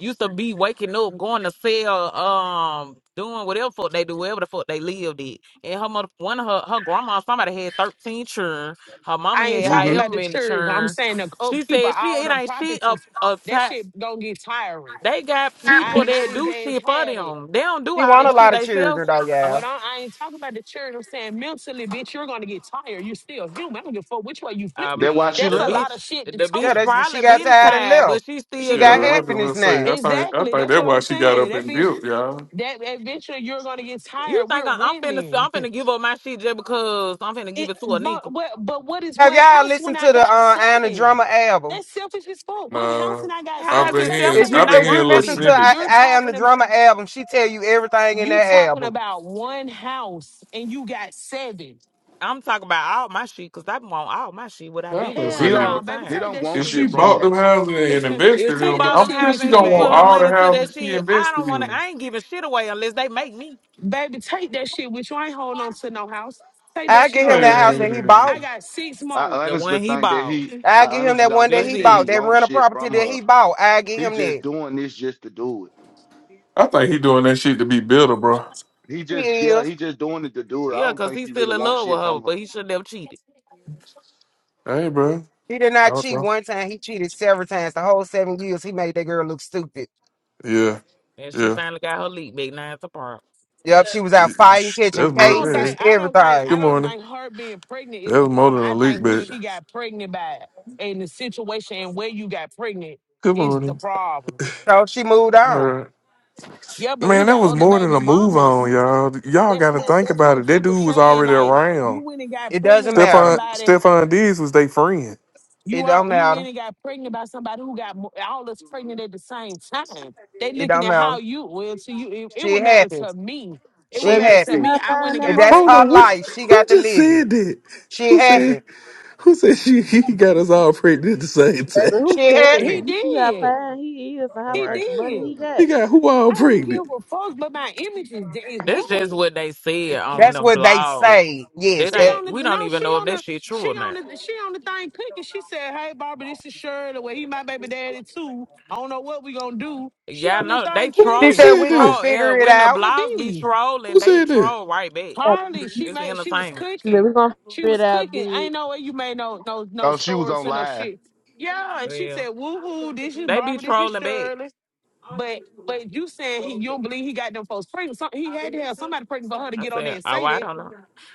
used to be waking up, going to sell, um, doing whatever fuck they do, wherever the fuck they lived at. And her mother one of her her grandma, somebody had thirteen children. Her mama I ain't had talking hmm about however the many church. I'm children. saying the co- She people, said she all it them ain't she a properties. a That ti- shit gonna get tiring. they got I people let that his do ass shit for had it. them. They don't do She all won a that shit lot of themselves. children though, y'all. What I, I ain't talking about the church. I'm saying mentally, bitch, you're gonna get tired. You're still human. I don't give a fuck which way you flip I it. That's why mean, she That's the a left. lot bitch, of the shit to Yeah, bitch tolerate. that's she probably got been tired and tired, left. but she She still yeah. got do I was it. just happiness gonna [LAUGHS] say, now. I think, I exactly. think That's what that's why I'm she got saying. up That and bitch built, y'all. that eventually you're going to get You tired. think We're I, I'm finna, women. I'm [LAUGHS] finna give up my shit just because I'm finna give It, it to a but, nickel? but, but what is Have one y'all house when listened I to the uh, got I Am the seven? Drummer album? That's selfish as fuck. One house Nah, and I got I've How is seven. been it Baby, hearing, If selfish take you I've and I been if hearing you work for little listen to these? wh- I, snippets. you're I Am the talking about Drummer album, she tell you everything in you that talking album. about one house and you got seven. I'm talking about all my shit because I want all my shit. What i I'm been gonna doing He Hell say, this if, don't. no, whole baby, He time. take don't that want if shit she shit with from you. bought her. them [LAUGHS] houses and If invested in she take them, that bought I'm them shit sure houses with she and you, gonna she put want baby. her all the money to that houses she shit, I don't invested want to. in. I ain't giving shit away unless they make me Baby, take that shit with you. I ain't holding on to no house. Take I that shit get him on that with house you. that he Hey, I bought. got six more. I the honestly one he think that bought. he. I I get him honestly that one don't that That's he think that he bought, it. that wants rental shit property from that her. he bought. I get He him just that. doing this just to do it. I think he doing that shit to be bitter, bro. He He just yeah. is. He just doing it to do it. I Yeah, don't cause think he's he still really in wants love with shit her, from her. but he shouldn't have cheated. Hey, bro. He did not cheat Also, one time. He cheated several times. The whole seven years, he made that girl look stupid. yeah, And she yeah. finally got her leak big nine to part. Yep, she was out fighting, catching That's I don't more. cases, think Hey, I don't think everything. good I don't morning. think her being pregnant is That the was more than problem. a I leak think who bet. she got pregnant by and the situation and where you got pregnant Good is the morning. problem. So she moved All on. right. Yeah, but he Man, that got was other more than baby a move on, mamas. y'all. Y'all That's got to what think that's about what it. That people dude was saying. already Like you around. went and got It pregnant doesn't by matter. Stefan somebody. Stefan Diggs was their friend. It You are don't you matter. went and got pregnant by somebody who got mo- all us pregnant at the same time. They It looking don't at how matter. you well to you. It, it She would matter happy. to me. It would She Baby, matter you see to happy. me. how I went fine and that If got I that's don't motherfucker know her pregnant. what life, she who got to just live it. said that. She Who said happy. who said she [LAUGHS] he got us all pregnant at the same Baby, time? She who [LAUGHS] cares? He happy. You see how did. fine he is and how He Right. much did. money he He got. got who all I wouldn't give pregnant? a fuck, but my image is, is That's just ruined. what they said on That's the what they blog. say. Yes. That She That on ain't we the don't no, even she know if on that the shit true she or on not. the she on the thing cooking. She said, "Hey, Barbara, this is Shirley. Well, he my baby daddy too. I don't know what we gonna do." She Y'all on this know they thing Who she troll who said they cooking. said we gonna that? troll yeah, figure it when the out. The blogs be bees, trolling, Who they said that? troll right back. Yeah, Carly. She It's made. She was entertainment. but cooking. We're going to She figure it was out, cooking. bitch. Ain't no way you made no no no Oh, she was stories on or no live. shit. Yeah, and she Yeah. said, "Woohoo! This is They be Barbara. This is trolling back. Shirley." But but you saying he, you don't believe he got them folks pregnant? Some, he had to have somebody pregnant for her to I get on there said, and Oh, say I that. don't know.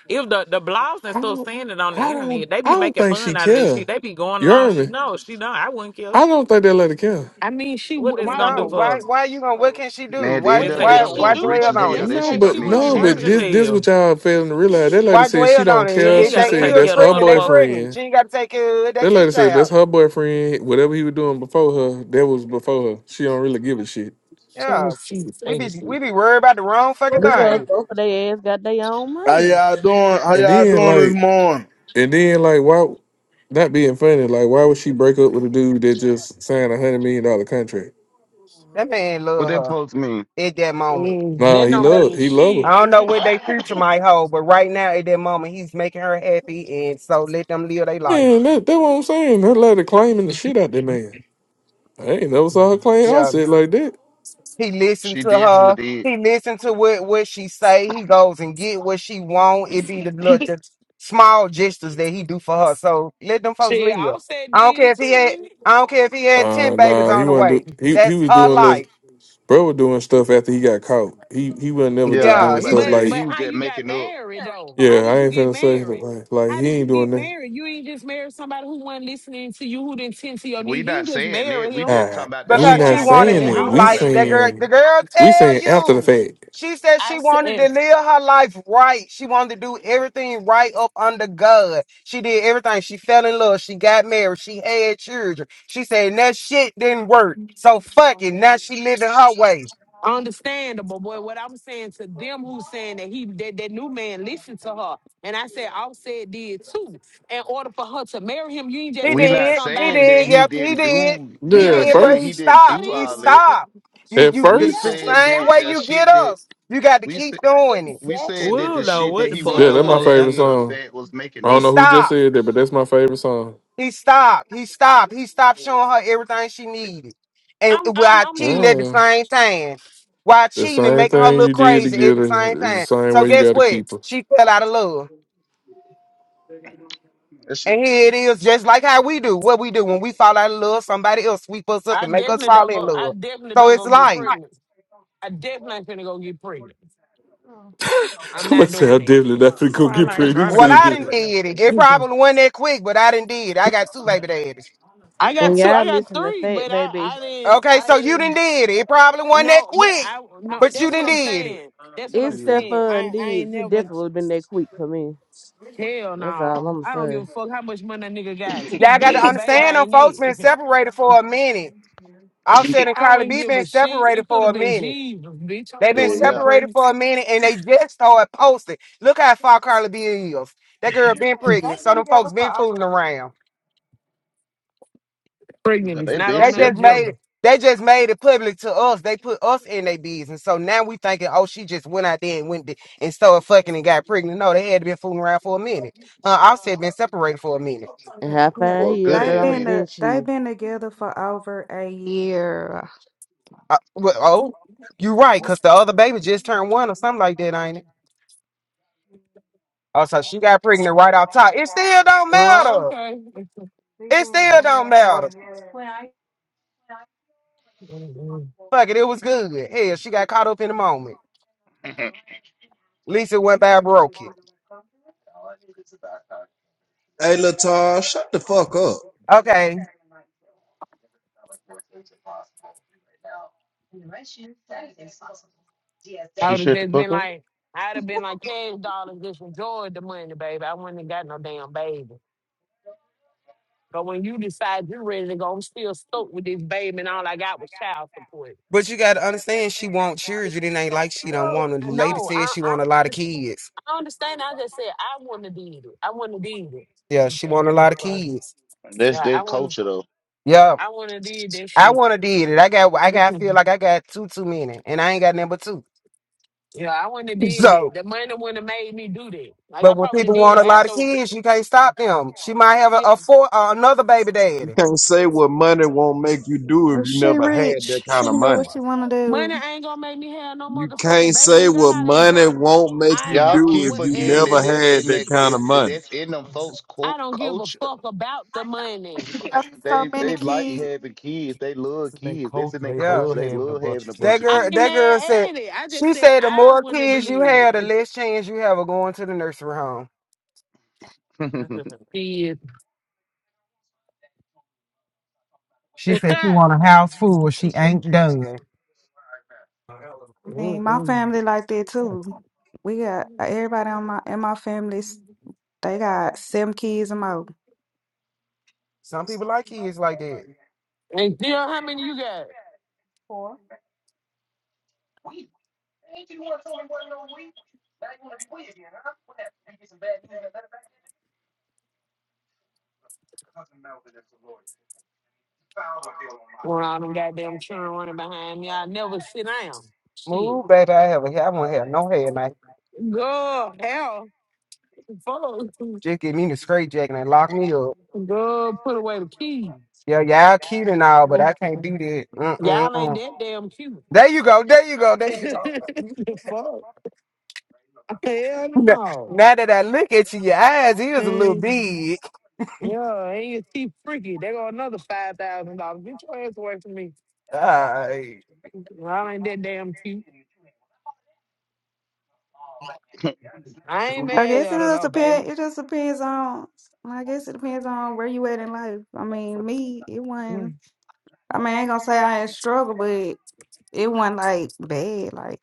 If the, the blogs and I stuff don't seeing it on the I internet, don't they I be don't making think she fun out of this care. shit. They be going You along. heard me? No, she don't. I wouldn't care. I don't think that lady care. I mean, she What w- this She why gonna do don't. would for her? Why why you gonna what can she Man, do? at the Why end what of the day, can why them she Exactly. why folks do? rich Because dwell as if on hell. that's it? the That No, shit case, don't she but would mean have She no, shit to rich but aborted as them. this it. this hell. what y'all failing to realize. That lady Why said she dwell on don't She it? care. ain't If She they gotta said take is that's care of the her pregnant, they motherfucker. pregnant. boyfriend. She ain't gotta take care of it. That That's his lady said child. that's her boyfriend. Whatever he was doing before her, that was before her. She don't really give a shit. So Yeah. she We be says, we be worried about the wrong fucking Because thing. [LAUGHS] both of their ass got their own How money. y'all doing? How And y'all then doing this like, morning? and then like, why? Not being funny, like why would she break up with a dude that just signed a hundred million dollar contract? That man What love that her post mean? at that moment. mm, Nah, that he don't loved mean he loved shit. I her. don't know [LAUGHS] what their [COUGHS] future might hold, but right now at that moment, he's making her happy, and so let them live their life. Man, that that what I'm saying. That lady claiming the shit out that man. I ain't never saw her claim Yeah, offset like that. he listened She to definitely her. did. He listened to what what she say. He goes and get what she want. It be the little the small gestures that he do for her. So let them folks she I live. said I don't care did if he too, had. didn't it? I don't care if he had ten Uh babies nah, he on the wasn't way. do he he That's was her doing little life. Bro was doing stuff after he got caught. He he was not never Yeah, just I was Yeah, doing he about to stuff say was. But that like, but he was how just you got making up. married though? yeah, How I did you ain't get finna say that, married? like like How he did ain't you get doing that. married? You ain't just married somebody who wasn't listening to you, who didn't tend to your We needs. You not ain't just saying that. marry We him. just Ah, talking about the we That's shit because what not that she I he was wanted saying to said. doing it. do I We during life. the said. That girl, the saying marriage. girl we tell saying after the you. fact. She said she I wanted to said. live her life right. She wanted to do everything right up under God. She did everything. She fell in love. She got married. She had children. She said "And that shit didn't work. So fuck it. Now she living her way. Understandable, boy. What I'm saying to them who's saying that he that, that new man listened to her. And I said, Offset did too. In order for her to marry him, you ain't He just We marry not did. He saying somebody. that did. That's he Yep, he didn't did. do. He We Yeah, yeah, at ain't did, that's but saying he he first. didn't that stopped. do He is all that. stopped. You At you We the, yeah, first. the he saying same that stopped, way but the you get shit that us. You got to we it, keep say, doing it. we saying exactly. that We'll the know shit what that the he was pulled Yeah, up that's doing my folks Exactly. favorite after did. the song. fact was making I He don't know up. who just stopped. said that, but that's my favorite song. He stopped. He stopped. He stopped showing her everything she needed. And I'm I'm while I'm cheating at healed. the Yeah. same time. While The cheating and same making her thing look you did to crazy at get the her same is the time. same So way you guess gotta what? keep her. She fell out of love. That shit. And here it is, just like how we do. What we do when we fall out of love, somebody else sweep us up I and make us definitely fall don't in go I love. definitely So don't it's go get like, pregnant. I definitely ain't finna go get pregnant. [LAUGHS] I'm not Somebody said I doing definitely not finna go Probably get like pregnant that. trying to well, go who said I get that. didn't pregnant. did it. It [LAUGHS] probably wasn't that quick, but I didn't did it. I got two baby daddies. I got And two. y'all I got missing the three, fact, but I, baby. I didn't. Okay, I so you didn't didn't. did it. It probably wasn't that No, but quick, I no. but you That's what didn't I'm did it. saying. That's what If I'm Yeah. saying. Stefan I, I did, ain't he never. definitely would have been that quick for me. Hell That's all no. I'm I don't give a saying. fuck how much money that nigga got. [LAUGHS] Keep Y'all got being to no baby. I understand them ain't folks been it. separated for a minute. Offset [LAUGHS] and I Carly wouldn't B give a been shit. separated It could for have a been minute. Jesus, bitch. I They ain't Yeah, been going to get yeah. separated pregnant. for a minute and they just started posting. Look how far Carly B is. That girl been pregnant. So them folks been fooling around. Pregnant yeah is they not been on They the just made separated agenda. it. They just made it public to us. They put us in their business. So now we thinking, oh, she just went out there and went th- and started fucking and got pregnant. No, they had to been fooling around for a minute. Uh, Offset been separated for a minute. And how yeah. fine for a he is, good baby, They've I ass would have been uh, been shit. they've been together for over a year. Uh, well, oh, you right, cause the other baby just turned one or something like that, ain't it? Oh, so she got pregnant right off top. It still don't Oh, matter. It still don't matter. Fuck it, it was good. Hell, she got caught up in the moment. minute. Lisa went by Okay. broke it. Hey, Latar, shut the fuck up. Okay. [LAUGHS] I she would have shut the just been fuck up. like, I'd have been like, cash dollars, just enjoyed the money, baby. I wouldn't have got no damn baby. But when you decide you're ready to go, I'm still stoked with this baby, and all I got was child support. But you gotta understand she want children. It ain't like she don't want them. I The Lady know. said I, she I want a lot of understand. kids. I understand. I just said I wouldn't have did it. I wouldn't have did it. Yeah, she That's what want it a is, lot of bro. kids. That's Yeah, I their wouldn't. culture though. Yeah. I wouldn't have did that I shit. wanna did it. I got I [LAUGHS] got feel like I got two too many and I ain't got number two. yeah, I wouldn't have [LAUGHS] did that. So The money wouldn't have made me do that. Like I but when probably people did it want a lot of after. kids, you can't stop them. She might have a, Yeah. a four uh, another baby You daddy. can't say what money won't make you do if Uh, you She never had that rich. kind She of can do money. what she wanna do. Money ain't gonna make me have no You motherfucking can't baby, say nigga. I what not money enjoy won't make you I Y'all know, do keep if what- you forgetting never that and that's had in that that kind of is money. Man, that's in them folks' I co- don't give a culture. fuck about the money. Got so They many they like kids. having kids. They love kids. That's in their Yeah. culture. They love having a That bunch of I girl, kids. ain't that girl said, mad at it. I just she said said the I more wanna kids you do have, the it. less chance you have of going to the nursery home. [LAUGHS] Did. She said she [LAUGHS] want a house full. She ain't done. I mean, my Mm-mm. family like that too. We got uh, everybody on my in my family. s- They got seven kids and more. Some people like kids like that. and still, how many you got? When all them goddamn children running behind me, I never sit down. Shit. Move, baby. I have a hair. I won't have no hair. Now Girl, hell, fuck. just give me the straight jacket and lock me up. Girl, put away the keys. Yeah, y'all cute and all, [LAUGHS] but I can't do that. Y'all ain't Mm-mm-mm. that damn cute. There you go. There you go. There you go. [LAUGHS] [LAUGHS] fuck. Hell Now no. now that I look at you, your eyes is a little Mm. big. Yeah, and you see freaky. They go another five thousand dollars. Get your ass away from me. All right. I ain't that damn cute. I [LAUGHS] ain't I mad guess it at her just though, baby. depends. It just depends on. I guess it depends on where you at in life. I mean, me, it Mm. wasn't. I mean, I ain't gonna say I ain't struggle, but it wasn't like bad. Like.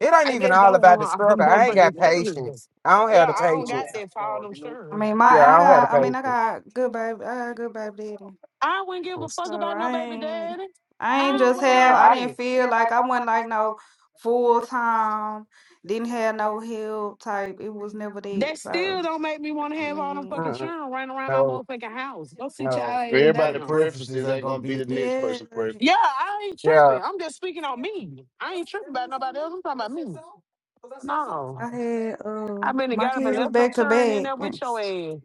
It ain't I even just all don't about want the all the [LAUGHS] struggle. I ain't got motherfucking shirts. patience. I don't Yeah, have the I don't got patience. that for all them I shirts. mean, my Yeah, I I don't have the got I mean I patience. got good baby I got good baby daddy. I wouldn't give a So fuck about no I baby ain't daddy. I I ain't don't just want have all I didn't that. feel like I wasn't like no full time, didn't have no help type. It was never that. That still So don't make me want to I have all them mean fucking Mm-mm. children running around my No, motherfucking house. Go sit your no. ass Everybody down. preferences ain't gonna be the next Yeah, person preference. Yeah, I ain't Yeah. tripping. I'm just speaking on me. I ain't tripping about nobody else. I'm talking about me. No. like I had I uh been and my got up and kids was left them back to churn in back. there with and- your ass.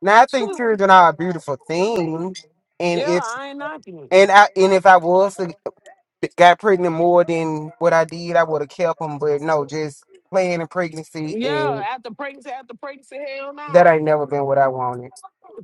Now I [LAUGHS] think Phew. children are a beautiful thing, and Yeah, if I ain't knocking it. and I and if I was to got pregnant more than what I did, I would have kept them. But no, just playing in pregnancy, Yeah, and after pregnancy, after pregnancy, hell that ain't no. never been what I wanted.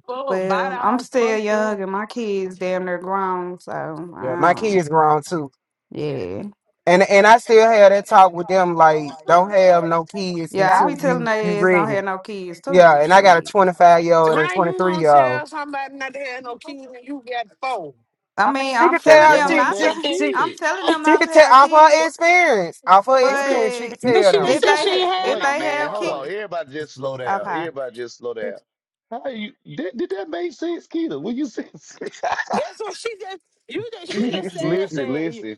Fuck, bite Well, I'm all still fucked up. young and my kids damn near grown, so I Yeah, my don't kids grown too. yeah. And, and I still have that talk with them like don't have no kids Yeah, I until be telling you you they ass don't ready have no kids too. Yeah, and I got a Shit. 25 year old and a How you 23 gonna year old. tell somebody not to have no kids when you got four? I mean, She I'm could Cause telling tell them them her she not to. she damn [LAUGHS] she I'm kid. telling [LAUGHS] them she not to could tell have off her kids, experience. Off her What experience, she but could But tell she the, them. just did if you said they she check? ha- ain't had if no Wait, they man, have bad hold on. ones. kids, Everybody just slow down. Everybody just slow down. How you did, did that make sense, Keita? When you said That's what she just you just she just [LAUGHS] said listen, that you- listen.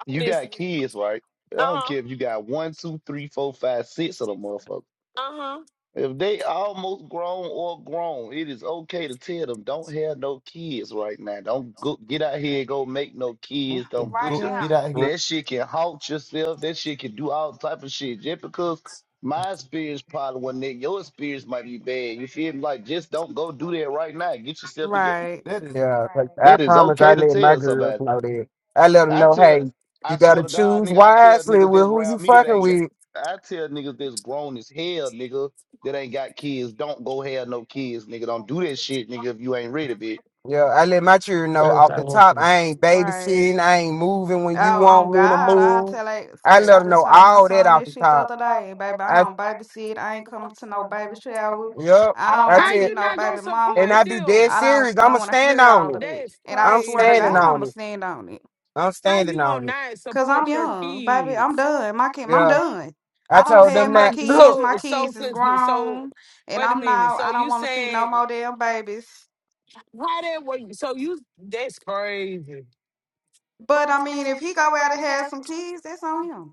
I'm You got listening. kids, right? I don't Uh-huh. care if you got one, two, three, four, five, six of them motherfuckers. Uh-huh. If they almost grown or grown, it is okay to tell them don't have no kids right now. Don't go get out here and go make no kids. okay, Don't put your yeah, [LAUGHS] that shit can haunt yourself. That shit can do all type of shit. Just because my experience probably wasn't that, your experience might be bad. You feel me? Like just don't go do that right now. Get yourself together. right. yeah, like I That is promise, I okay to let my tell somebody. girls know that. I let them I know, tell, Yes. hey, you I swear gotta to God, choose nigga, I tell wisely niggas with that's who you around me that fucking ain't got, with. I tell niggas that's grown as hell, nigga, that ain't got kids, don't go have no kids, nigga. Don't do that shit, nigga, if you ain't ready, bitch. Yeah, I let my children know That's off what I the want top. from you. I ain't Right. babysitting. I ain't moving when you Oh, on want me to God, I move. tell it. I say let I them just know told my all that son off that the shit the top. other day, baby. I I don't babysit. I ain't coming to no baby showers. yep. I don't I want How to tell. see you no not gonna baby And I support mamas. be dead them? I don't. serious. I I'ma don't want to stand hear on all of it. that. That's And I I'm swear to standing crazy. God, on I'ma it. stand on it. I'm how standing you gonna on it. not Cause I'm support your young, baby. I'm kids? done. My kid, I'm Yeah. done. I I don't told So have them my that. could kids. Look, so My so kids is could you- so grown, and wait a I'm minute. not. So I don't you want to see no saying more damn babies. how that way? So you that's crazy. But I mean, if he go out and have some kids, that's on him.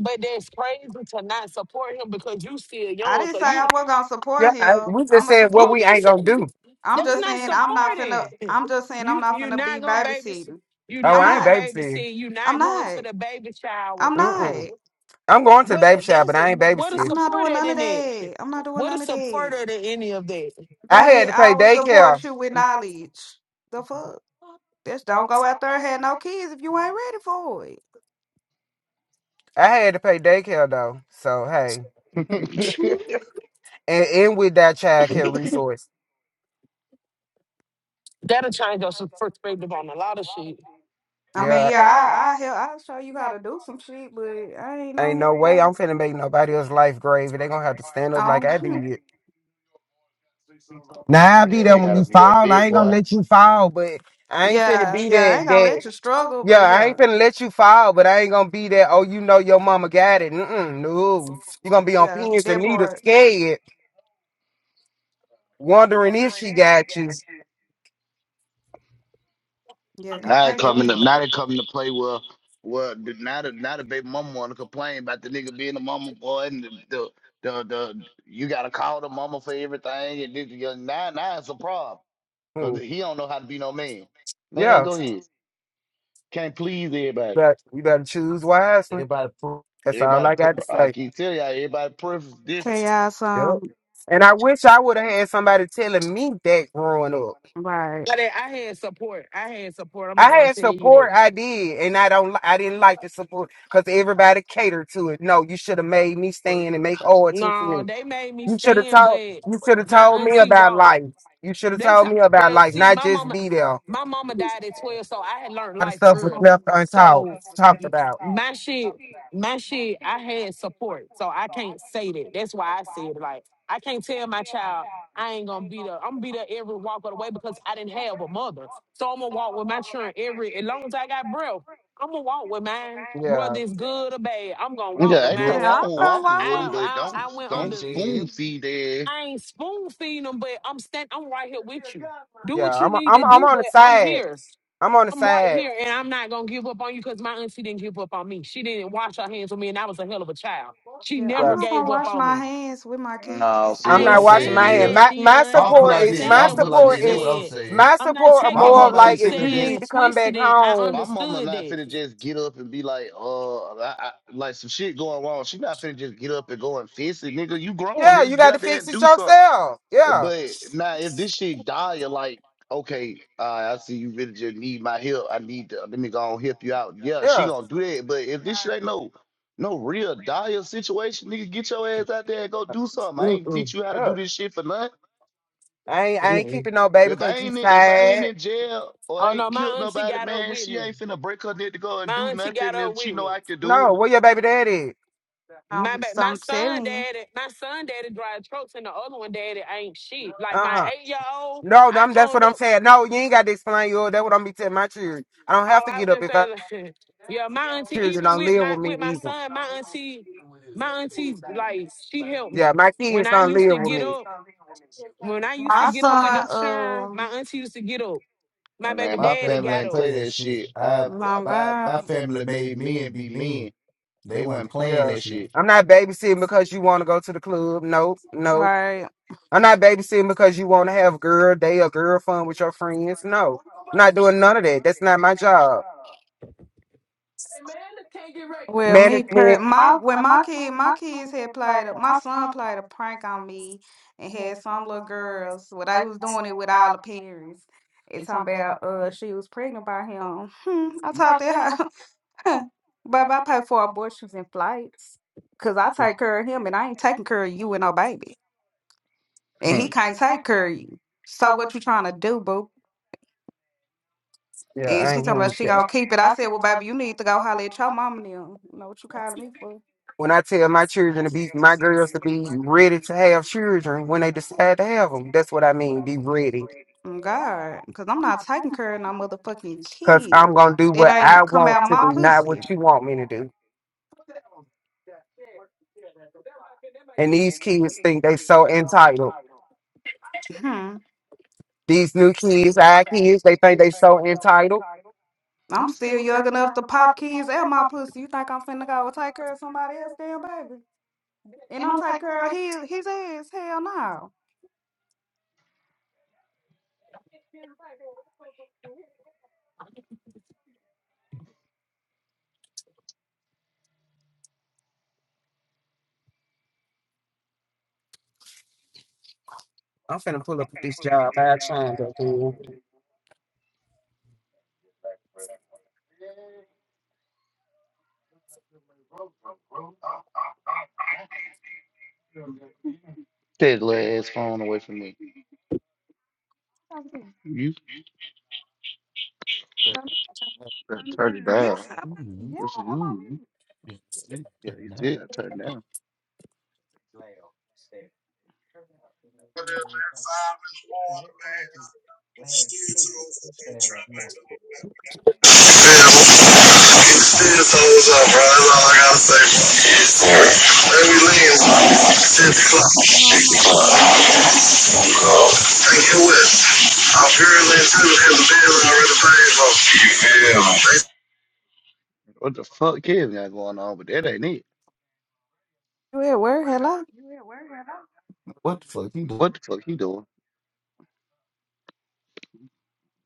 But that's crazy to not support him because you still I young. didn't So say I you wasn't gonna support yeah, I, him. we I'm just gonna said what support. you we just ain't said gonna you- do. I'm that's just not saying I'm not finna. supporting. I'm just saying I'm You not you're finna be not gonna baby. s- babysitting. You're Oh, I'm not I ain't gonna not. baby babysitting. sit. You're I'm not going not. to the baby shower. I'm not. Mm-mm. I'm going to the What baby shop, that's but I ain't what a I'm babysitting. not support doing at none of in it. that. I'm not doing What a none of that. supporter to any of that. I Baby, had to I pay will daycare. support you with knowledge. The fuck? Just don't go out there and have no kids if you ain't ready for it. I had to pay daycare though. So hey, [LAUGHS] and, and with that child care resource, That'll change your perspective on a lot of shit. I mean, yeah, yeah, I I help, I'll show you how to do some shit, but I ain't on ain't that, no way baby. I'm finna make nobody else's life grave. They gonna have to stand up I like I don't. did. Nah, I be yeah, there you when gotta you be a fall. I big ain't gonna boy. let you fall, but [LAUGHS] I ain't finna yeah, be yeah, I that ain't gonna that. let you struggle, Yeah, but I ain't yeah, finna let you fall, but I ain't gonna be that. Oh, you know your mama got it. Mm-mm, no, you gonna be on yeah, pins and that needles, part, scared, wondering if she got you. yeah, 'cause Now I it ain't doing coming to, now they coming to play with, well, the- now the, now the baby mama wanna complain about the nigga being a mama boy and the, the, the, the you gotta call the mama for everything and this, yeah, now, now it's a problem. Cause Mm, he don't know how to be no man. Man, yeah, go ahead. Can't please everybody. but you better choose wisely. That's all Everybody, I pr- got to I say. keep telling y'all, everybody preference different. chaos. Yep. Um, And I wish I would have had somebody telling me that growing up. right. But I I had support. I had support. I'm I not gonna had tell you support, that. I did, and I don't, li- I didn't like the support because everybody catered to it. No, you should have made me stand and make all two for No, me. they made me You should have stand, told, but you should have my told me auntie about walked. life. You should have They t- told me about well, life, see, not my just mama, be there. A my mama died at twelve, so I had learned lot of life stuff was early. left untalked, So talked about. my shit, my shit, I had support, so I can't say that. That's why I said like I can't tell my child I ain't gonna be there. I'm gonna be there every walk of the way because I didn't have a mother, so I'm gonna walk with my children every as long as I got breath. I'm gonna walk with mine, whether Yeah, it's good or bad. I'm gonna walk Yeah, with ain't mine. nothing Yeah, wrong I'm with So gonna walking walk with with them, I, my. but I, don't I went don't under. spoon you, feed their I ain't spoon feeding them, but I'm stand. I'm right here with you. Do yeah, what you I'm, i need I'm, to I'm do, on but the I'm side. here. I'm on the I'm right side. here, and I'm not gonna give up on you because my auntie didn't give up on me. She didn't wash her hands on me, and I was a hell of a child. She Yeah, I'm Yeah, never not gonna gave up wash on my me. hands with my No, kids. see I I'm what ain't not I'm washing saying my saying hand. is, that, My, my Dion. I'm I'm put support not like is, this. my saying I'm put what like you support this. This is, what I'm said. saying. my I'm not support are My taking more of mama what you like ain't if finna you saying need just. and to come back twisting it. I home. My mama understood not that. finna just get up and be like, uh, I, I, like some shit going wrong. She not finna just get up and go and fix it, nigga. You grown, Yeah, you nigga. Get got to out there fix and it do something. yourself. Yeah, But now, if this shit die, you're like, okay, uh, I see you really just need my help. I need to let me go on help you out. Yeah, she yeah, gonna do that. But if this shit ain't no no real dire situation, nigga, get your ass out there and go do something. I ain't Mm-mm. teach you how to yeah. do this shit for nothing. I ain't, I ain't Mm. keeping no baby If I because you ain't in, if I ain't sad. in jail or Oh no, ain't my killed auntie nobody, got up man, with she me. ain't finna break her neck to go and My do auntie got nothing up if she with know me. I can do No, it. where your baby daddy? Um, My ba- so my I'm son telling you, daddy, my son daddy drives trucks, and the other one daddy ain't shit. Like Uh my uh eight year old, No, I I'm, that's what owned I'm up. saying. No, you ain't got to explain yours. That's what I'm be telling my children. I don't have Oh, to I get up was if I gonna say, like, [LAUGHS] yeah, my auntie. children Even don't with live my with me with my either. son, my auntie, my auntie, like she helped Yeah, me my when kids I don't used live to with get me. up. When I used my to get up with son. them, sure, um, my auntie used to get up. My Oh, Like, baby Man, my daddy family got ain't up. play that shit. I Long my my um, my family made men be mean. men. They wasn't playing Yeah. that shit. I'm not babysitting because you want to go to the club. Nope, nope. right. I'm not babysitting because you want to have girl day or girl fun with your friends. No, I'm not doing none of that. That's not my job. Well, me Management. per my when my kid my kids had played a my son played a prank on me and had some little girls. Well, they was doing it with all the parents. It's talking about uh she was pregnant by him. Hmm, I talked to her, [LAUGHS] but I pay for abortions and flights because I take care of him and I ain't taking care of you and no baby, and Hmm. he can't take care of you. So what you trying to do, boo? Yeah, And I she ain't talking about want she that. gonna keep it. I said, Well, baby, you need to go holler at your mama now. You know what you calling me for? When I tell my children to be, my girls to be ready to have children when they decide to have them, that's what I mean, be ready. Mm, God, because I'm not taking care of no motherfucking Because kid. I'm going to do That what I ain't come want out to my do, not pussy. what you want me to do. And these kids think they so entitled. Hmm. These new kids, our kids, they think they so entitled. I'm still young enough to pop kids out my pussy. You think I'm finna go take care of somebody else, damn baby? And I'm taking care of his his ass. Hell no. I'm finna pull up at this job. I'll change up in. Take that little ass phone away from me. You Um, better turn it down. Yes. I- What's wrong? Yeah, you said I turned it down. I'm fucking shit hoes up, bro. That's all I gotta say, bro. Let me leave. bro. Six o'clock. Oh, I'm off you. How am I? And get what? I'm purely into it because the bills already paid for. You feel me? They What the fuck is got going on? But that ain't it. You at work? Hello. What the fuck he doing?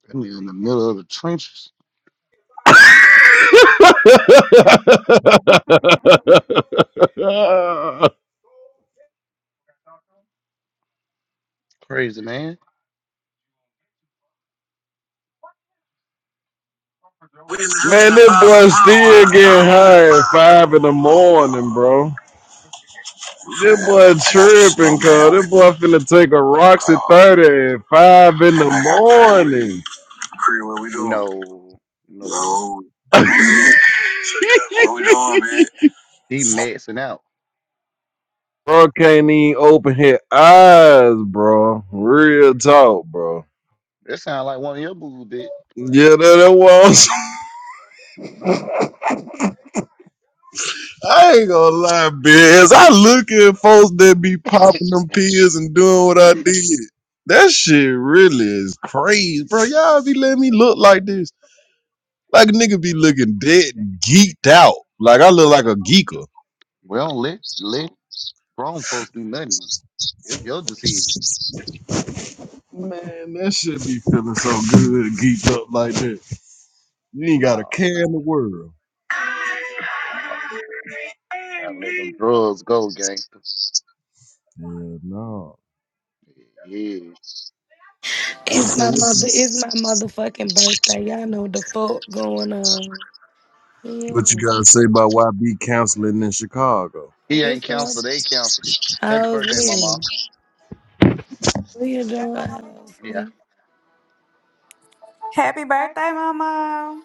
That nigga in the middle of the trenches. Man, Crazy man. that boy still getting high at five in the morning, bro. That boy tripping, cuz. That boy finna take a Roxy 30 at five in the morning. [LAUGHS] Cree, What we doing, No, no. No. What we doing, man? He maxing out. Bro can't even open his eyes, bro. Real talk, bro. That sound like one of your boo bitch. Yeah, that, that was I ain't gonna lie, biz. I look at folks that be popping them pills and doing what I did. That shit really is crazy, bro. Y'all be letting me look like this. Like a nigga be looking dead geeked out. Like I look like a geeker. We don't [CLEARS THROAT] let let grown folks do nothing. It's your decision. Man, that shit be feeling so good, geeked up like that. You ain't got a Nah, care bitch. in the world. Nah, gotta let them drugs go, gangster. Yeah, no. Yeah. It's So my what mother. you, It's my motherfucking birthday. Y'all know the fuck going on. Yeah. what you What's gotta say about YB counseling in Chicago? He ain't up, canceled. They canceled it. Happy birthday, mama. Hosley? What you doing, Yeah. Hosley? Happy birthday, mama.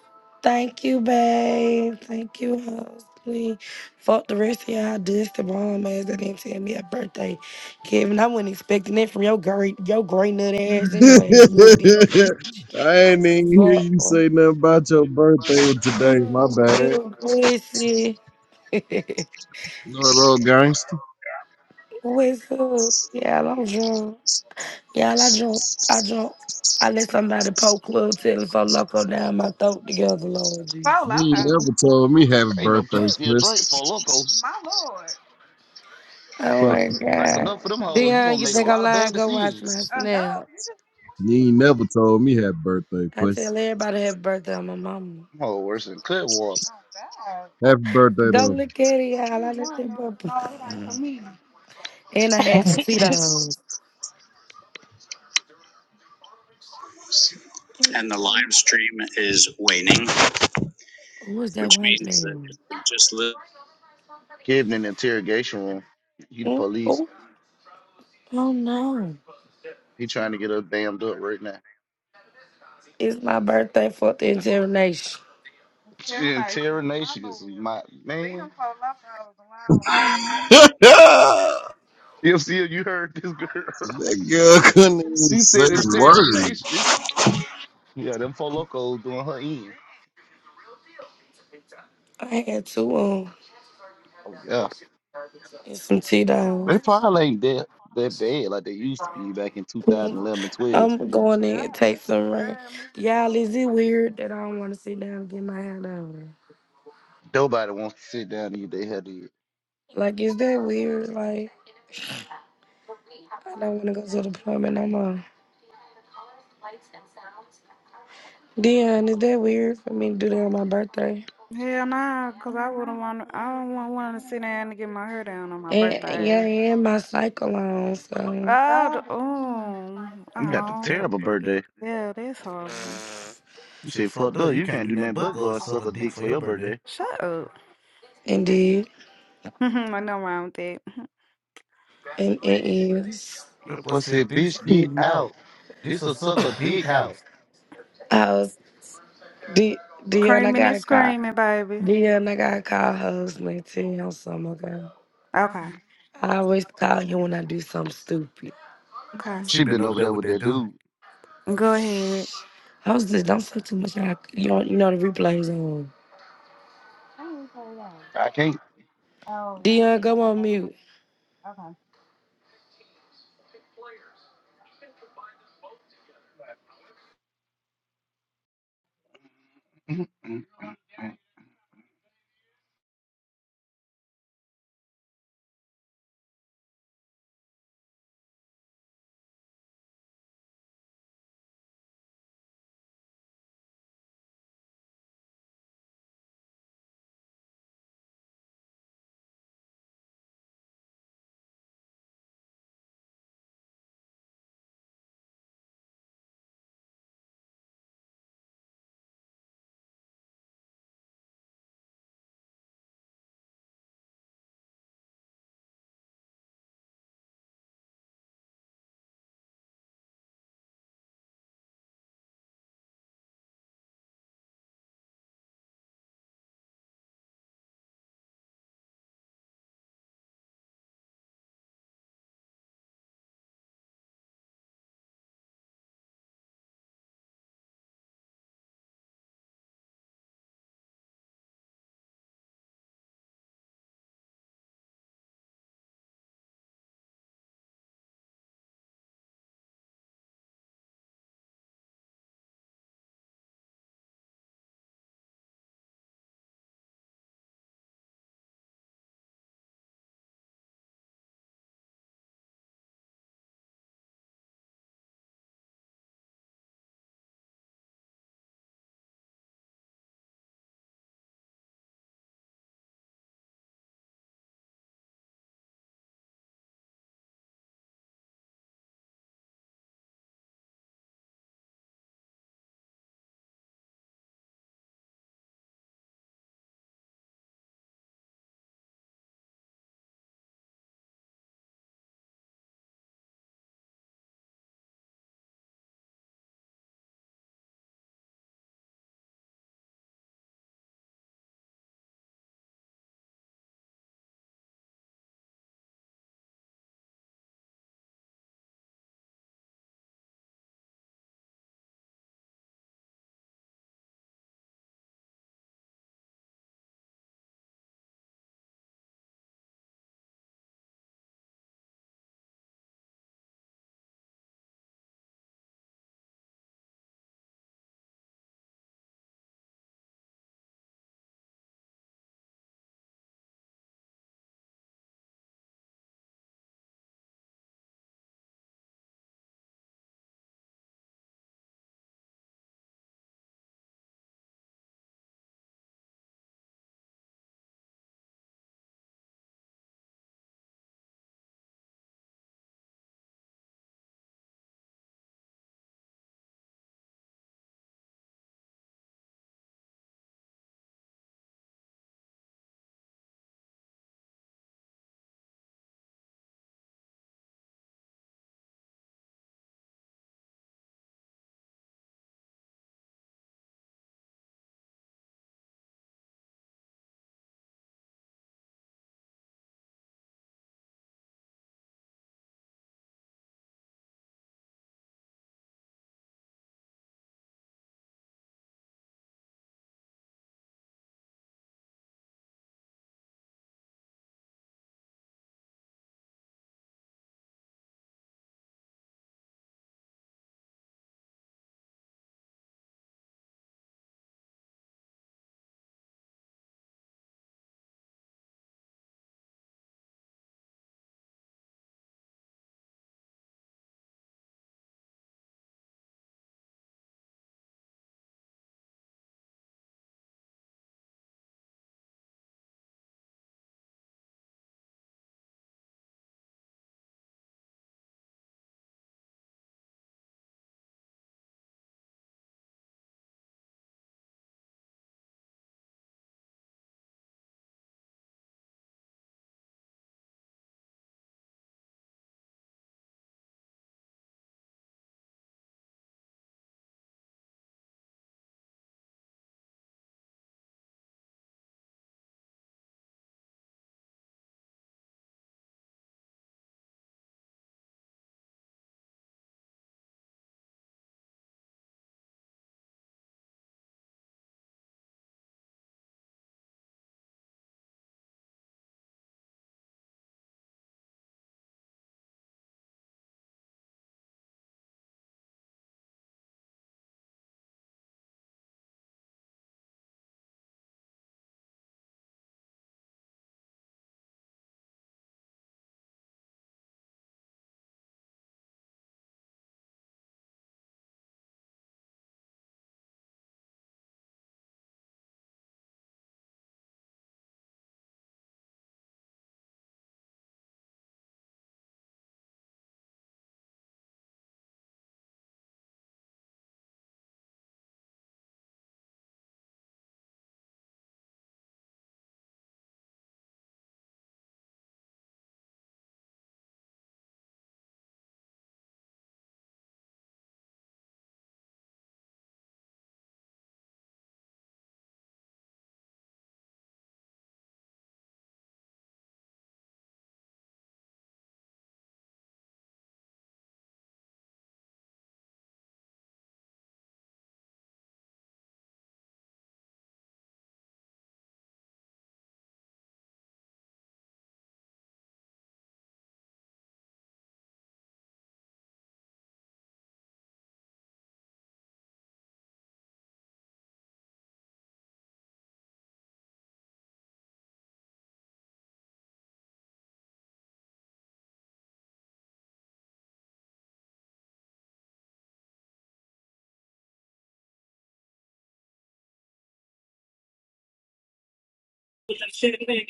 Thank you, babe. Thank you, Hosley. Fuck the rest of y'all dusty bomb ass that didn't tell me a birthday. Kevin, I wasn't expecting that from your great your great nut ass [LAUGHS] anyway, little deep I bitch. ain't even hear Fuck. you boy. say nothing about your birthday today. Fuck My bad. you, pussy. [LAUGHS] You little gangster. What's up? Yeah, I'm drunk. Y'all, I drunk. I drunk. I let somebody poke Club Tilly for Loco down my throat together, Lord Jesus. You ain't never told me happy There ain't no birthday, people still drink puss. for local. Oh Fuck my Drink you up. God. enough for them hoes. You Dion, gonna you make a think I'm lot of lying? bad Go watch decisions. my snap. You ain't never told me happy birthday, I puss. tell everybody happy birthday on my mama. Them hoes worse than Clearwater. Happy birthday, Go though. look at it, y'all. I let them up. And I had some Tito's. Who is that white man? Kid in the interrogation room. He the Hmm? police. Oh, oh no. He trying to get us damned up right now. It's my birthday for the entire nation. She Interrogation is my Leave man. [LAUGHS] that baby. CFC, you heard this girl. [LAUGHS] girl couldn't even She say said the word. interrogation. Yeah, them four locos doing her in. I had two um Oh yeah. and some They Tito's. probably ain't dead. They're bad like they used to be back in 2011 and 12. I'm going in and take some rain. Y'all, is it weird that I don't want to sit down and get my hair done? Nobody wants to sit down and eat their head Like, is that weird? Like, I don't want to go to the plumber no more. Dion, is that weird for me to do that on my birthday? Hell nah, cause I wouldn't want. I don't want wanting to sit down and get my hair down on my And birthday. yeah, and my cycle on, so Oh, the, oh, You got the oh, terrible birthday. yeah, that's horrible. You say, fucked up. You can't do nothing but go and suck a dick for your birthday. Shut up. indeed, [LAUGHS] I know wrong with that. and it is. The boy said, bitch, get Hmm. out. This a suck a dick house. I was D, Dion. I Creaming got and a call. screaming, baby. Dion, I got a call. Husband, ten years some ago. Okay, I always call you when I do something stupid. okay. She been over there with that dude. Go ahead. I was just don't say too much. I, you know, you know the replays on. I can't. Dion, go on mute. [LAUGHS]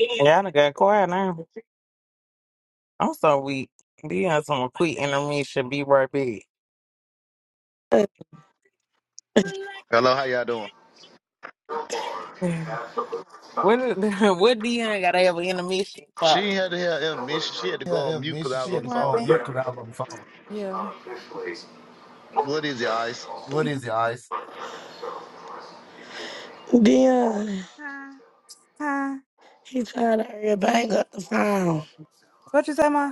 Yeah, I done got quiet now. I'm so weak. Be on some quick intermission. Be right back. Hello, how y'all doing? [LAUGHS] What? [LAUGHS] did- What Dion got to have an intermission She for? had to have intermission. She had to go on mute because I It was on the wasn't phone. me. Yeah. What is it, Ice? Dion, Huh? he trying to hurry up and hang up the phone. What you say, ma?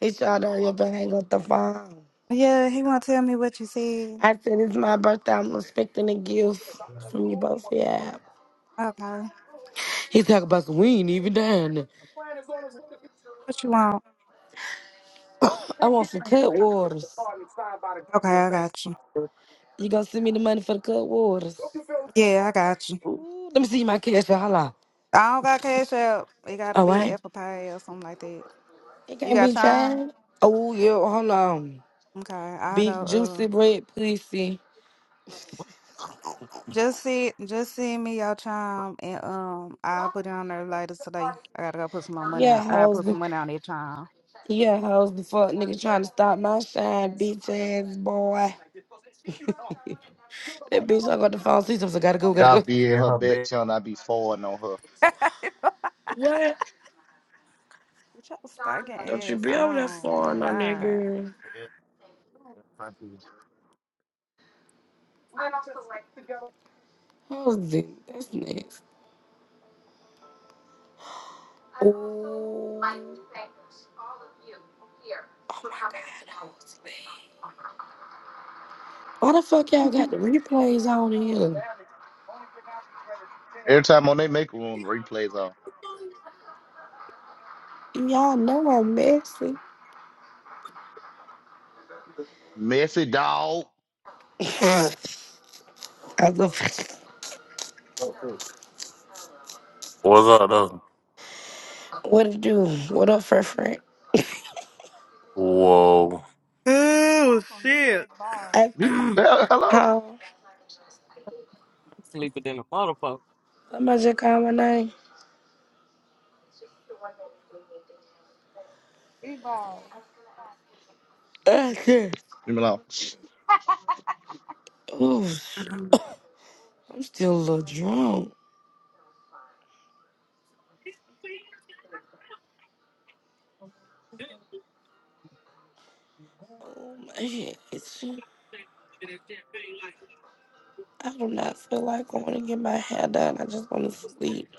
He trying to hurry up and hang up the phone. Yeah, he won't tell me what you said. I said it's my birthday. I'm expecting a gift from you both. Yeah. Okay. He talk about some. We ain't even done. What you want? I want some cut waters. Okay, I got you. You gonna send me the money for the cut waters? Yeah, I got you. Ooh, let me see my cash. Hold on. I don't got Cash App. It gotta All be right. Apple Pay or something like that. It You can't got be Chime? changed. Oh yeah. Hold on. Okay, I'll Big go. Uh, juicy bread pussy. just see, just send me your Chime, and um, I'll put it on there later today. I gotta go put some more money. Yeah, On, I gotta hoes. put be- some money on that Chime. Yeah, hoes the fuck nigga trying to stop my shine, bitch ass boy. [LAUGHS] that bitch, I got the phone. See something. Gotta go. Gotta Y'all go. be in her back channel. I be forwarding on her. [LAUGHS] What? Your stinking Don't you ass be over there on. foreign, My my God. nigga. Hoes, it? That's next. Ooh. Oh my god, hoes, man. Why the fuck y'all got the replays on here? Every time on they make room, replays on. Y'all know I'm messy. Messy dog. [LAUGHS] I go. What's up, though? What it do? What up, friend? friend? Whoa. Oh shit! I, You- Hell- Hello? huh? I'm sleeping in a motherfucker. Come on, check out my name. [LAUGHS] Ah, Leave me alone. Oh, shit. I'm still a little drunk. Oh, my shit. I do not feel like I want to get my hair done. I just want to sleep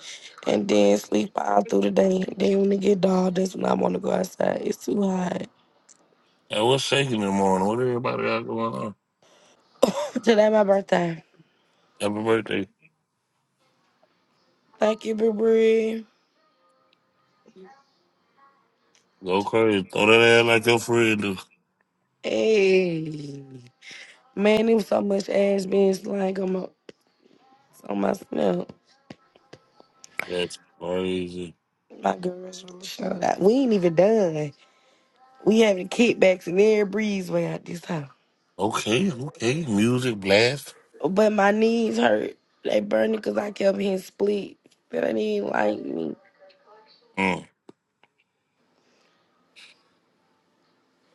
and then sleep all through the day. Then when it get dark, that's when I want to go outside. It's too hot. Hey, what's shaking in the morning? What everybody got going on? [COUGHS] [LAUGHS] Today my birthday. Happy birthday. Thank you, Brie. Brie. Go crazy. Throw that ass like your friend do. Hey, man, it was so much ass being slang on my on my snap. That's crazy. My girls really showed out. We ain't even done. We having kickbacks in every breezeway out this house. Okay, okay. Music blast. But my knees hurt. They burning because I kept hitting split. That I didn't like me. Mm.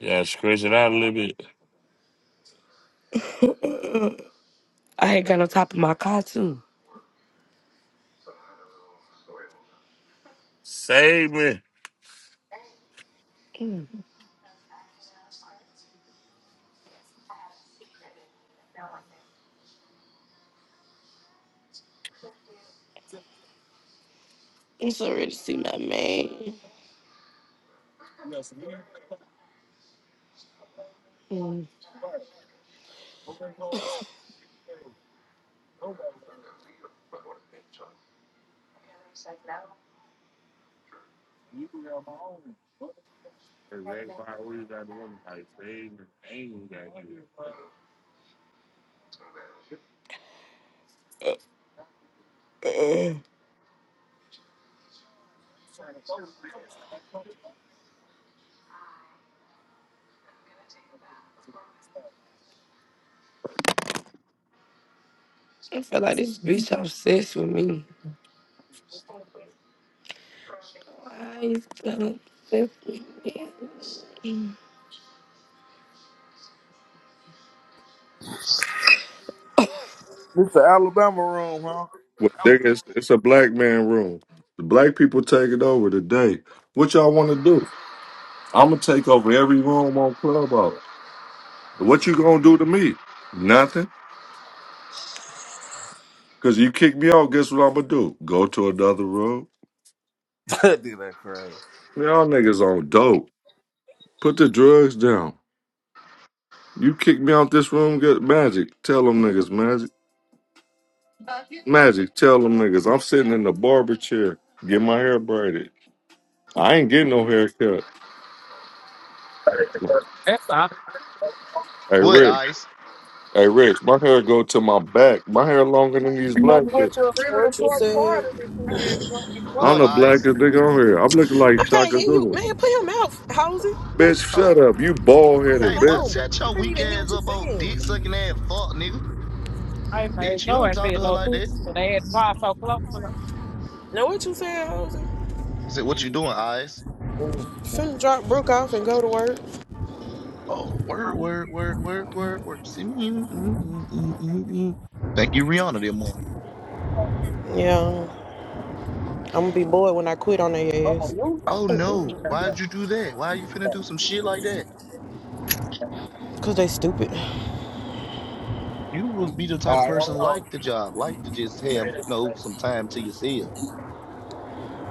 Yeah, scratch it out a little bit. I had got on top of my car too. Save me. Mm. I'm so ready to see my man. Mm. [CLEARS THROAT] Uh-uh. I feel like this bitch obsessed with me. Why is telling obsessed with me? Mm. This the Alabama room, huh? Well, there is, it's a black man room. The black people take it over today. What y'all want to do? I'm gonna take over every room on Clubhouse. What you gonna do to me? Nothing. Cause you kick me out. Guess what I'm gonna do? Go to another room. [LAUGHS] That'd Dude, that crazy. Y'all niggas on dope. Put the drugs down. You kick me out this room. Get magic. Tell them niggas magic. Magic. Tell them niggas. I'm sitting in the barber chair. Get my hair braided. I ain't getting no haircut. That's all. Hey What, Rick. Ice? Hey, Rich, my hair go to my back. My hair longer than these black bitches. What you said? What's I'm up, the Ice? blackest nigga on here. I'm looking I like can't Shaka hear you, Zulu. man. Put him out, Halsey. Bitch, shut Oh, up. You bald Put him headed, hey, bitch. boy, out. shut I your can't weak even hear ass what you up, old dick saying. sucking ass fuck, nigga. I made Bitch, you no don't and talk said to her no like that. this, and they had five so close to Know what you said, Hosey? I said, what you doing, Ice? them. Finna drop Brooke off and go to work. Oh, word, word, word, word, word, word. See me. mm, mm, mm, mm, mm, mm. Thank you, Rihanna, that morning. Yeah, I'm gonna be bored when I quit on their ass. Oh, no. Why'd you do that? Why you finna do some shit like that? Cause they stupid. You would be the type of person like the job, like to just have, you know, some time to yourself.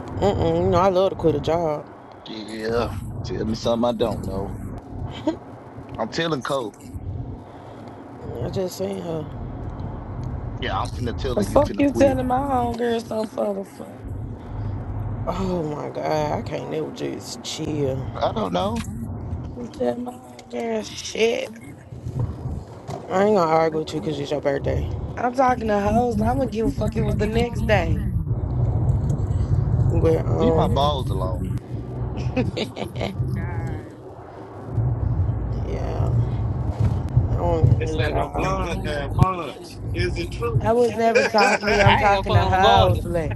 Mm-mm, you know, I love to quit a job. Yeah. Tell me something I don't know. I'm telling Cole. I just seen her. Yeah, I'm finna tell The her you fuck finna you quit. telling my homegirl something for the fuck? Oh my god, I can't never just chill. I don't know. You telling my homegirl shit. I ain't gonna argue with you cause it's your birthday. I'm talking to hoes. I wouldn't give a fuck. It was the next day. But, Leave my um, balls alone. [LAUGHS] yeah, I want a It's new like no job. blood and fun. Is it true? I was never [LAUGHS] talking I to you. I'm had talking to fun regardless. Housley.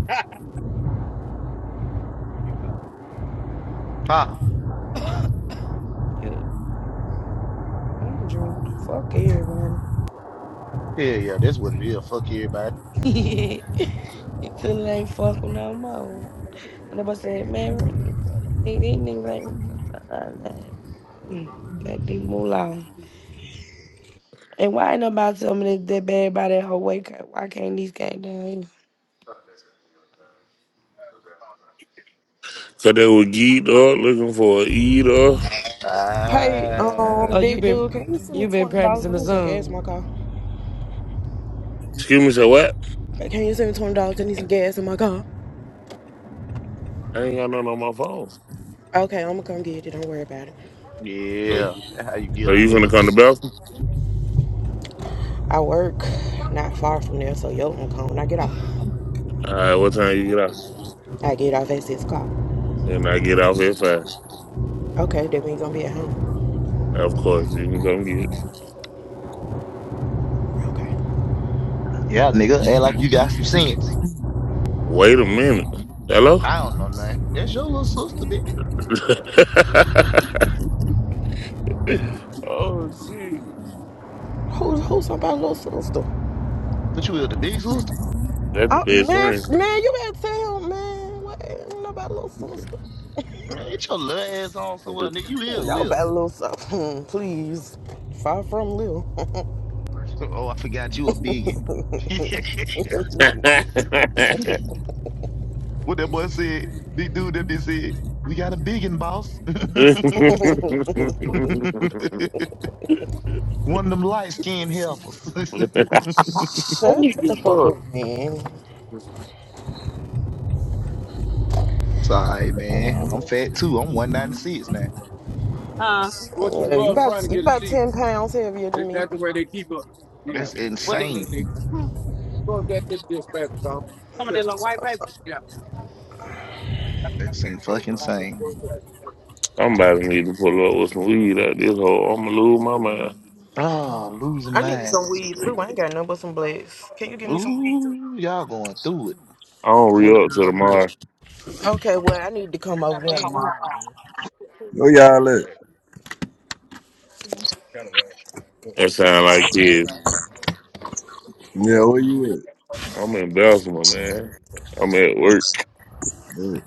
Huh? [COUGHS] You, I'm drunk. Fuck everybody. Yeah, yeah, that's what it is. Fuck everybody. [LAUGHS] Until they ain't fuck with no more. And nobody said, man, what the fuck these niggas ain't. Got these moolah. And why ain't nobody tell me that, that bad about that whole way? cut? Why can't these came down here? Cause they were geeked up looking for a eater. Hey, Ah, Oh, um, you big been dude, can you send me you been twenty dollars? practicing I the need some gas in my song. car. Excuse me, say what? Hey, Can you send me twenty dollars? I need some gas in my car. I ain't got nothing on my phone. Okay, I'm gonna come get it. Don't worry about it. So, yeah. That's how you get so a you finna nigga. come to Belton? I work not far from there, so yo, I'm coming. When I get off, All right, what time you get out? I get off at six o'clock. And I get off at five. Okay, that means I'm gonna be at home. Of course, you can come get it. Okay. Yeah, nigga, act like you got some sense. Wait a minute. Hello? I don't know nothing. That's your little sister, bitch. [LAUGHS] oh, shit. Who's who's somebody's little sister? But you is the big sister. That's the Oh, best man, thing. f- man, you better tell him, man. What ain't nobody little sister? Man, get your little ass on somewhere, nigga. You Ain't is little. Nobody [LAUGHS] little sister. [LAUGHS] Please, far from little. [LAUGHS] Oh, I forgot you a biggin. [LAUGHS] what that boy said? The dude that they said, we got a biggin, boss. [LAUGHS] [LAUGHS] One of them light skinned heifers. [LAUGHS] Shut the fuck up, Fuck. man. Sorry, man. I'm fat too. I'm 196 now. Huh? Yeah, you about you about ten pounds heavier than me. That's What did it? insane. do? Some of that little white paper. That's in fucking insane. Somebody need to pull up with some weed out this hole. I'm going to lose my mind. Oh, losing I need some minds is weed too. crazy. I ain't got nothing but some blacks. Can you give me some weed too? Ooh, y'all going through it. I don't Where re up till y'all at? tomorrow. Okay, well Okay. I need to come over Not there bad. tomorrow. Where y'all at? That sound Oh, like Okay. this. Okay. right. Yeah, where you at? I'm in Belsima, man. I'm at work. man?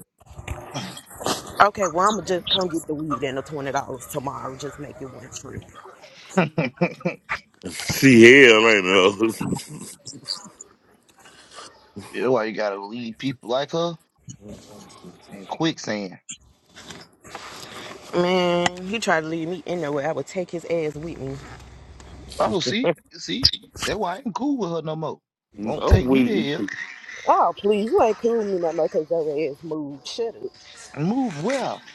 Okay, well I'ma just come get the weed and the twenty dollars tomorrow. Just make it one trip. [LAUGHS] She hell ain't know. That's why you gotta leave people like her in quicksand. Man, he tried to leave me in there where I would take his ass with me. Oh, see, see, that's why I ain't cool with her no more. Won't Oh, take me we. to [LAUGHS] hell. Oh please, you ain't cool with me no more 'cause your ass moved. Shut up. Move well.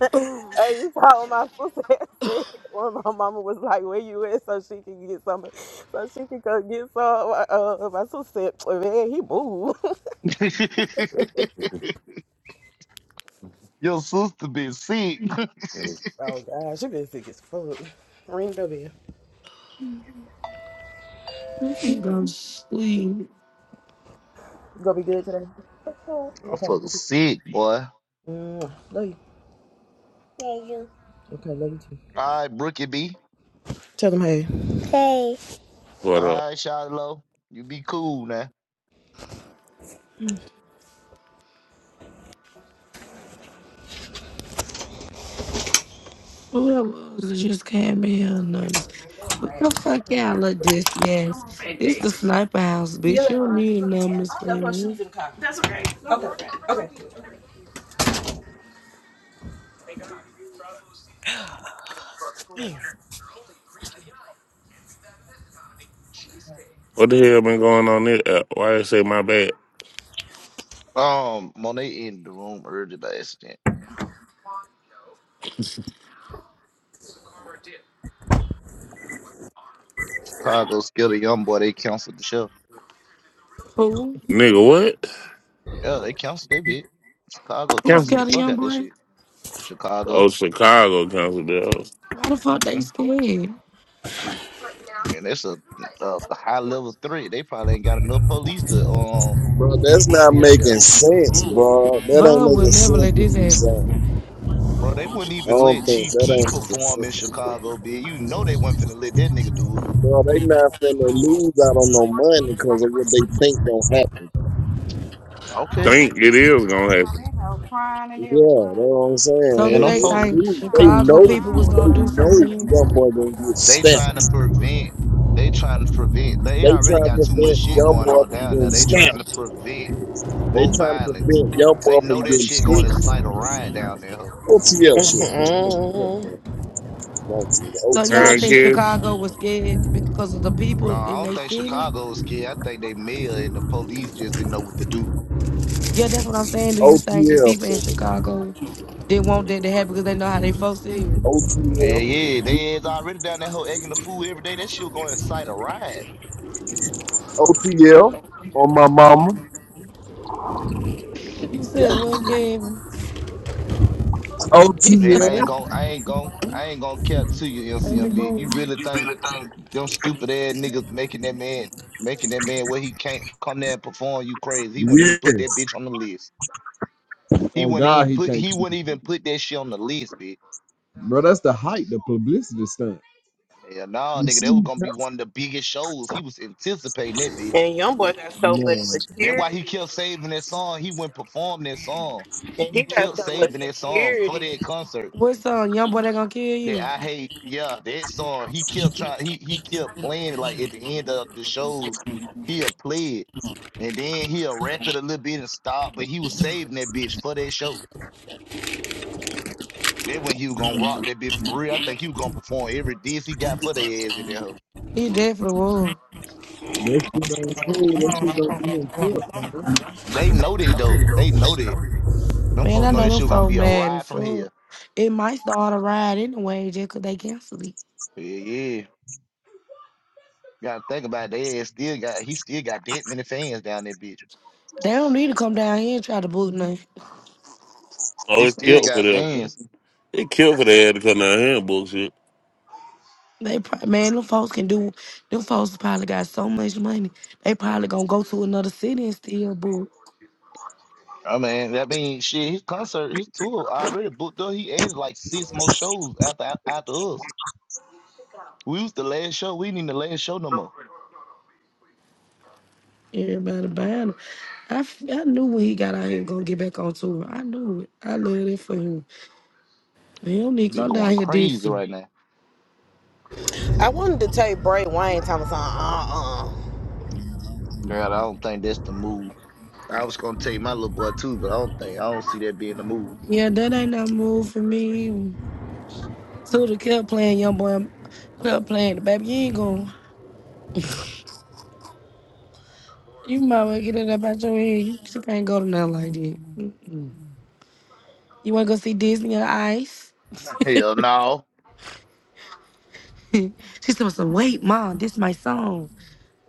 [LAUGHS] Oh, Hey, you saw what my sister [LAUGHS] had said when my mama was like, "Where you at?" so she can get some, so she can go get some. Uh, my sister said, "Oh, "Man, he moved." [LAUGHS] [LAUGHS] Your sister been sick. [LAUGHS] oh gosh, she been sick as fuck. Ring the bell. You you can go to sleep. gonna be good today? Okay. you Motherfucker good. sick, boy. Mm, love you. Okay, love you too. All right, Brookie B. Tell them hey. What up? All right, Shiloh, you be cool now. Who Whoever just came in nothing. What the fuck y'all look this yes? This the sniper house, bitch. You don't need a numbness I for left her you. shoes in the car. That's okay. Okay. Damn. What the hell been going on there? Uh, why they say my bad? Um, Monet in the room early by accident. Chicago scared a young boy. They canceled the show. Who? Nigga, what? Yeah, they canceled that bit. Chicago Who's canceled Council. the scared of fuck young out this boy? shit. Chicago, Oh, Chicago Council bills. Why the fuck they hmm scared? and it's a, a high level threat. They probably ain't got enough police to um Bro, that's not be out making there, sense, bro. That ain't Von will making never sense let what this you happen. saying. bro. They wouldn't I even don't think let Chief that Key ain't making perform sense. in Chicago, B. You know they wasn't finna let that nigga do it. Bro, they not finna lose out on no money because of what they think gonna happen. Okay, Think it is gonna happen. Yeah, that's what I'm So saying. do Man, They, they they I'm think knew, they Chicago know, people was they gonna do know something to him? young boy gonna get They stamped. trying to prevent. They trying to prevent. They They already trying to got too much prevent shit young going boy on from down getting there. They stamped. trying to prevent They more trying to violence. prevent young boy They know from that getting shit going to stripped. incite a riot down there. ho. OTL shit, man. Let me get the fuck out of [LAUGHS] here. Wrong nigga. So I y'all OTL, That don't think shit. care. Chicago was scared because of the No, people I in don't their think city? Chicago is scared. I think they mayor and the police just didn't know what to do. Yeah, that's what I'm saying. Do you think the OTL, people in Chicago didn't want that to happen because they know how they folks feel? Yeah, OTL, yeah. They is already down that whole egg in the food every day. That shit going to incite a riot. OTL on my mama. You said [LAUGHS] what, Kevin? Man, Let I OTL, ain't gon' I ain't gon' I ain't gonna cap to you, it MCMB. go. You really think them stupid ass niggas making that man making that man where he can't come there and perform you crazy. He wouldn't even put yeah. that bitch on the list. He On wouldn't God, even he put can't. he wouldn't even put that shit on the list, bitch. Bro, that's the hype, the publicity stunt. Yeah, nah, You nigga, that see, was man, gonna be one of the biggest shows. He was anticipating that bitch. and young boy got so much That's why he security, kept saving that song. He wouldn't perform that song. and he He got kept so much saving that song for security. that concert. What song? Young boy that gonna kill That you. I hate, yeah, that song. He kept trying. He he kept playing it. Like at the end of the shows, he'll play it, and then he'll rap it a little bit and stop. But he was saving that bitch for that show. That when he was gonna rock that bitch for real. I think he was gonna perform every diss he got for their ass at that hoe. He dead for the war. that shit ain't cool. That shit don't be in shit, man. They know that though. They know that. Them Man, I folks know know that them shit gonna folk be a mad ride as from here. fuck. It might start a ride anyway just 'cause they cancel it. Yeah, yeah. Gotta think about it. They ass still got. He still got that many fans down there, bitch. They don't need to come down here and try to book nothing. Oh, He it's still killed for got them. fans. It killed for they had to come down here and bullshit. They pro- man, them folks can do. Them folks probably got so much money. They probably gonna go to another city and still book. I mean, that means shit. His concert, his tour already booked up. He added like six more shows after after us. We was the last show. We need the last show no more. Everybody buying them. I, f- I knew when he got out here gonna get back on tour. I knew it. I love it for him. Man, he don't need to Be come down going here crazy dissing. right now, I wanted to tell Bray Wayne Thomas, uh uh. girl. I don't think that's the move. I was gonna take my little boy too, but I don't think I don't see that being the move. Yeah, that ain't no move for me. Suda kept playing young boy, kept playing the baby. You ain't going. You might well get it up out your head. You just can't go to nothing like that. Mm-mm. You want to go see Disney on Ice? [LAUGHS] [LAUGHS] Hell no, she said, so, "Wait, mom, this my song.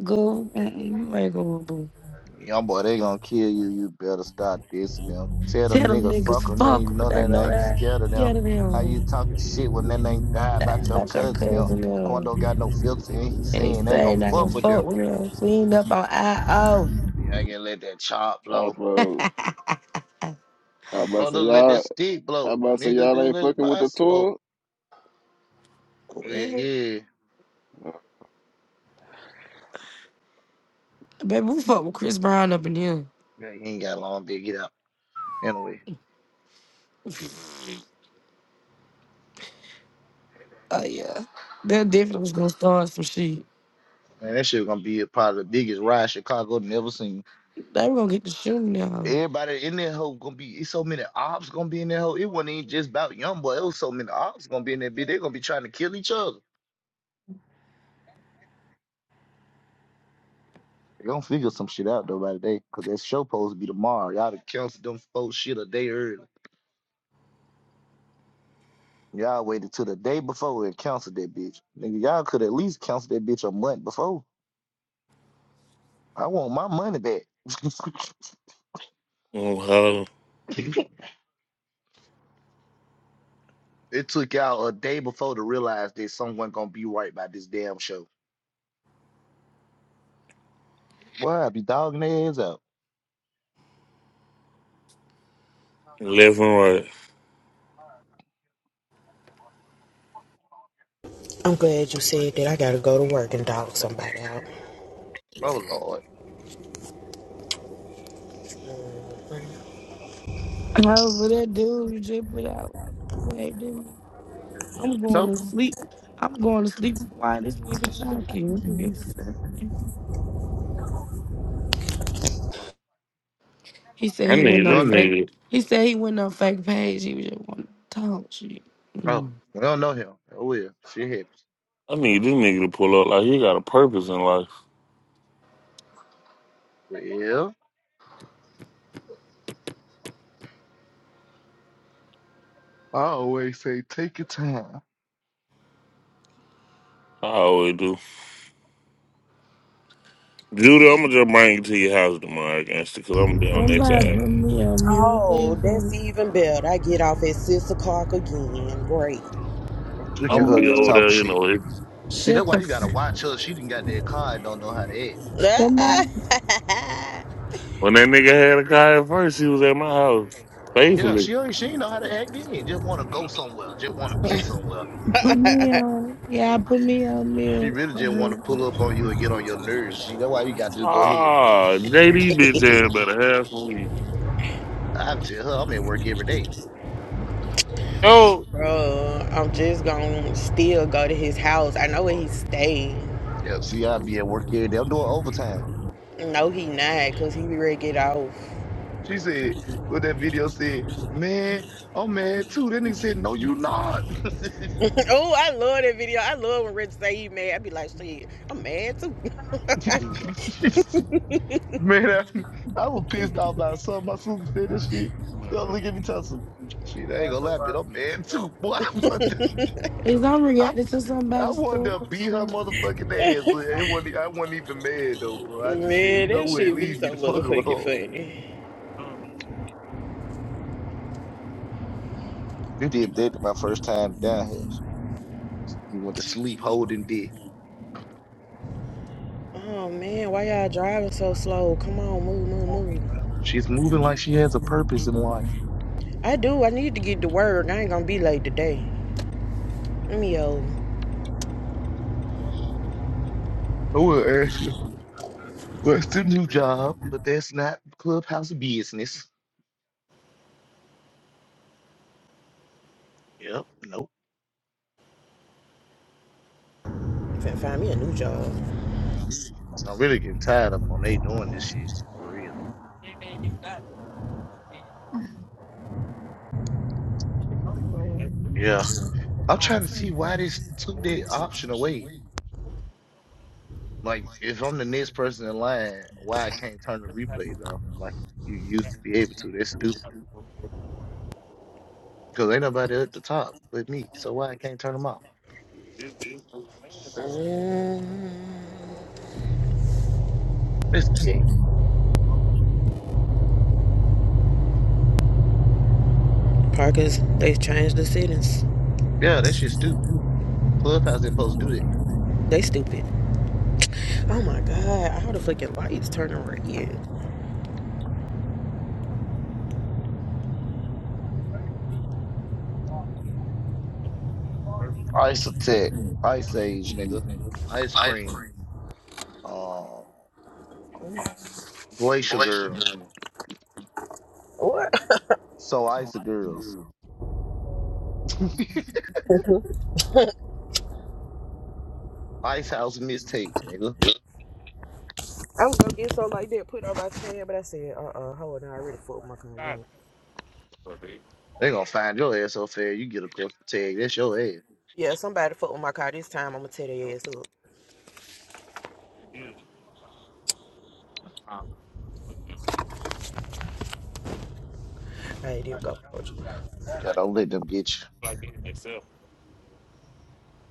Go, mm-mm, you ain't going, boo. young boy, they gonna kill you. You better stop this and them. Tell Tell them them nigga niggas fuck them, man. fuck You 'em, know but I that know I ain't that. scared of them. Get them How you him. talking shit when they ain't die Lie about your about your cousin? Them cousin Quando them. got no filter and he And he saying they ain't say gonna not gonna fuck with them. fuck with him. Clean up on I Yeah, I can let that chop i blow. road. I My about to say brother let that y'all. stick I blow. about to say Nigga, y'all dude, ain't let fucking with my the smoke. tour. Yeah, O. [LAUGHS] yeah. Baby, we fuck with Chris Brown up in here. Yeah, you ain't got long to get out. Anyway, Oh yeah. That definitely was gonna start some shit. man, that shit gonna be a part of the biggest ride Chicago never seen. They were gonna get the shooting now. Everybody in that hoe gonna be. It's so many ops gonna be in that hoe. It wasn't even just about young boy. It was so many ops gonna be in that bitch. They gonna be trying to kill each other. They gonna figure some shit out though by the day, cause that show supposed to be tomorrow. Y'all to cancel them folks shit a day early. Y'all waited till the day before and canceled that bitch. Nigga, y'all could at least cancel that bitch a month before. I want my money back. [LAUGHS] Oh, how it took y'all a day before to realize that someone gonna be right by this damn show. Boy, I be dogging their ass out. Left and right. I'm glad you said that. I gotta go to work and dog somebody out. Oh Lord. However, that dude you just put out waved at me. I'm going So to sleep. I'm going to sleep while this nigga talking. What the fuck is happening? He said I he went need on this well, fake. nigga. He said he went on fake page. He was just want to talk shit. oh, Mm. we don't know him. Oh well, shit happens. I need this nigga to pull up like he got a purpose in life. Well, I always say take your time. I always do. Judy, I'm gonna just bring you to your house tomorrow, gangster, because I'm gonna be on that Somebody side. put me on mute. I Oh, think, that's um, even better. I get off at six o'clock again. Great. Look I'm at gonna her be just over Somebody talk there, you shit. know. It, See, shut that's why you gotta the. watch her. She didn't got that car and don't know how to act. [LAUGHS] Somebody. when that nigga had a car at first, he was at my house Yeah, faithfully. she already she ain't know how to act in. Just want to go somewhere. Just want to be somewhere. Put me on. Yeah, put me on She mute. really I'm just want ready to for pull up this. on you and get on your nerves. See, that's why you got to just go ahead. Ah, JD bitch ass better have some weed. I tell her I'm at work every day. Yo, Bro, I'm just gonna still go to his house. I know where he Oh, stay. Yeah, see, I be at work every day. I'm doing overtime. No, he not, cause he be ready to get off. She said, "What that video said, man, I'm mad too." That nigga said, "No, you not." [LAUGHS] [LAUGHS] oh, I love that video. I love when Rich say he mad. I be like, shit, I'm mad too. please, I- man, I, I was pissed off by something. My sister said that shit. I'm She not don't gonna- look at me, tell some. Shit, I ain't gonna lie, bitch. I'm mad too. Boy, [LAUGHS] what Is I'm I, reacting to I somebody's wanted stuff. to I'm beat her sorry. motherfucking ass, [LAUGHS] but it wasn't, I wasn't even mad though, bro. I just said, Man, you know that what? shit be Leave me so the fuck motherfucking alone. funny. no, You did that my first time down here. You went to sleep holding dick. Oh man, why y'all driving so slow? Come on, move, move, move. She's moving like she has a purpose in life. I do. I need to get to work. I ain't gonna be late today. Let me uh, I will ask you, what's the new job? But that's not clubhouse business. Yep, nope. finna find me a new job. I'm really getting tired of them when they doing this shit for real. Yeah. I'm trying to see why this took that option away. Like, if I'm the next person in line, why I can't turn the replays off? Like you used to be able to. That's stupid. Because ain't nobody at the top but me. So why I can't turn them off? this- this not a Mm. That's gay. Parkers, they changed the settings. Yeah, that shit's stupid. Clubhouse ain't supposed to do that. They stupid. Oh my god, all the fucking lights turning red. Ice attack, ice age, nigga. Ice Ice cream, cream. um, glacier girl. What? So ice girls. [LAUGHS] [LAUGHS] Ice House mistakes, nigga. I was gonna get something like that put on my tab, but I said, uh uh, hold on, I already fucked with my car shot, one. but they- you They gonna find your ass up there. You get a pepper tag. That's your ass. Yeah, somebody fucked with my car this time. I'm gonna tear their know, ass up. yeah, I'm I ain't even go. Yeah, like- don't let them get like it myself.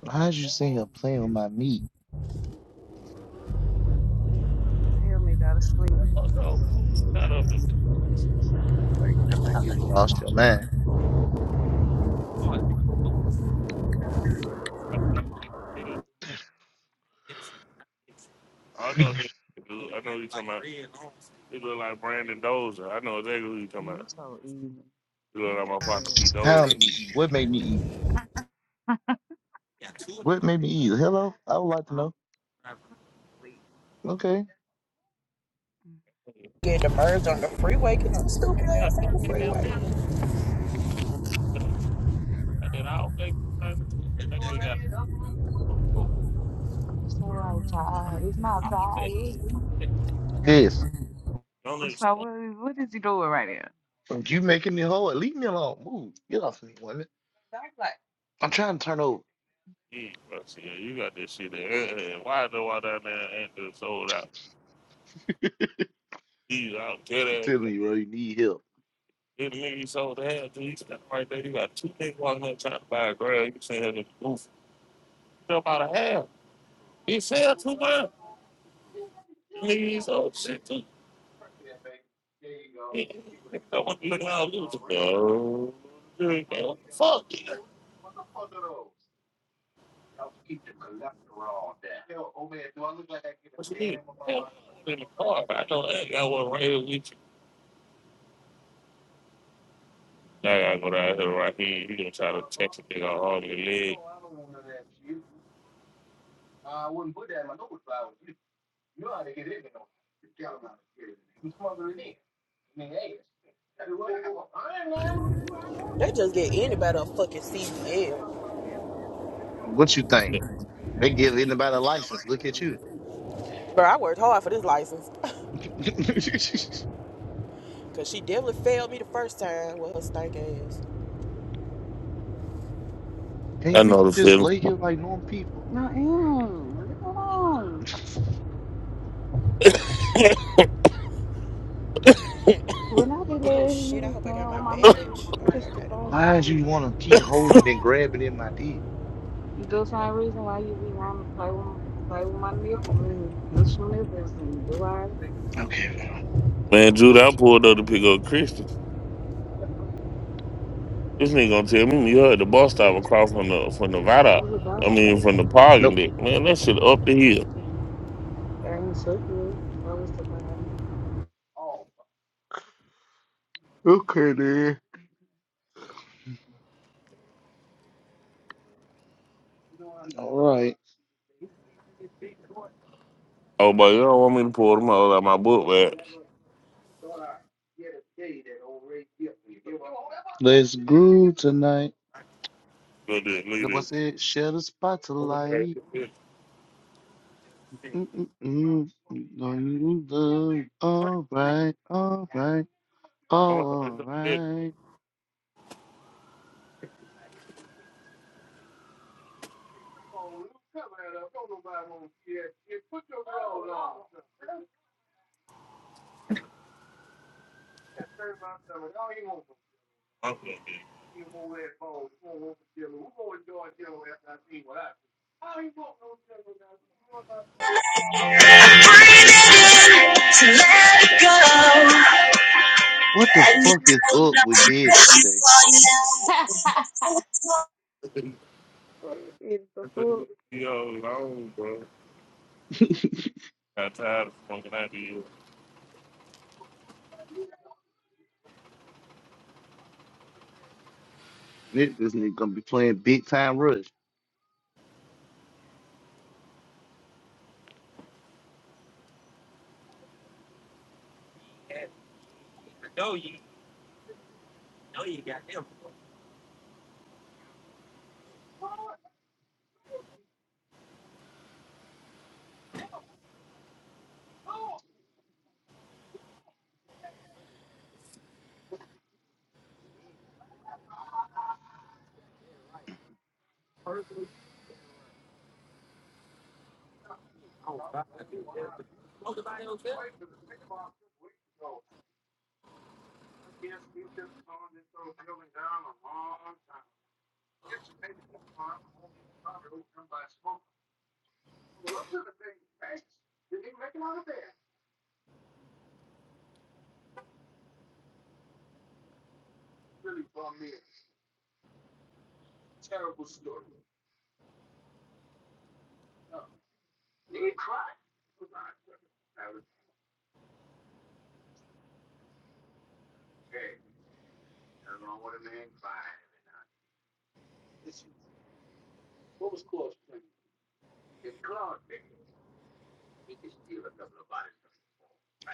you. How'd you say I'm playing with my meat? Oh, no, it's not I think I think you lost your mind. a- I know who you do. I know who you talking about. He look like Brandon Dozer. I know exactly who you talking about. He look like my partner P How Dozer. I'm easy? What made me easy? What made me easy? Hello, I would like to know. Okay. Get demerged on the freeway because I'm stupid Yeah, ass on the that nigga freeway. loud, but they, I did all big time. That nigga got all big. Yes. Don't explain you making me whole. Leave me alone. Move. Get off me, woman. I'm trying to turn over. it, bro. See, yeah, you got this shit there. Hey, hey, hey, Why do I down there and just sold out? He's out You there. feel me, bro? You need help. This nigga he sold out to. He's standing right there. You got two niggas walking up trying to buy a girl. You saying him goofy. He sell about a half. He sell too much. Please, oh, shit. I don't want to look how I lose. No. dude, What the fuck, nigga? What you need? Hell, I'm in the car. I know I ain't got one right here with you. I gotta go down here right here. You gonna try to text a nigga on your leg. They just get anybody a fucking CDL. What you think? They give anybody a license. Look at you. Bro, I worked hard for this license [LAUGHS] [LAUGHS] because she definitely failed me the first time with her stank ass. Can't I we know the just feeling. lay here like normal people? Oh shit, I hope I got my badge. Oh yeah, I got it. Why do you want to keep holding and grabbing in my dick? Okay, fine. Man, Judah, I pulled up to pick up Christian. This nigga gonna tell me you heard the bus stop across from the from the viaduct. I mean from the parking Nope. deck. Man, that shit up the hill. All right, Oh but you don't want me to pull them out of my book, man. let's groove tonight. Look at this, look at The boy this. said, Share the spotlight. Okay. Mm-mm-mm. Don't you love? All right, all right, I'm like, it's all a big right. monkey. To let it go. What the And fuck is up with Kevin today? it's That's a yo long, bro. [LAUGHS] Got tired of smoking out of you. This this nigga gonna be playing big time rush.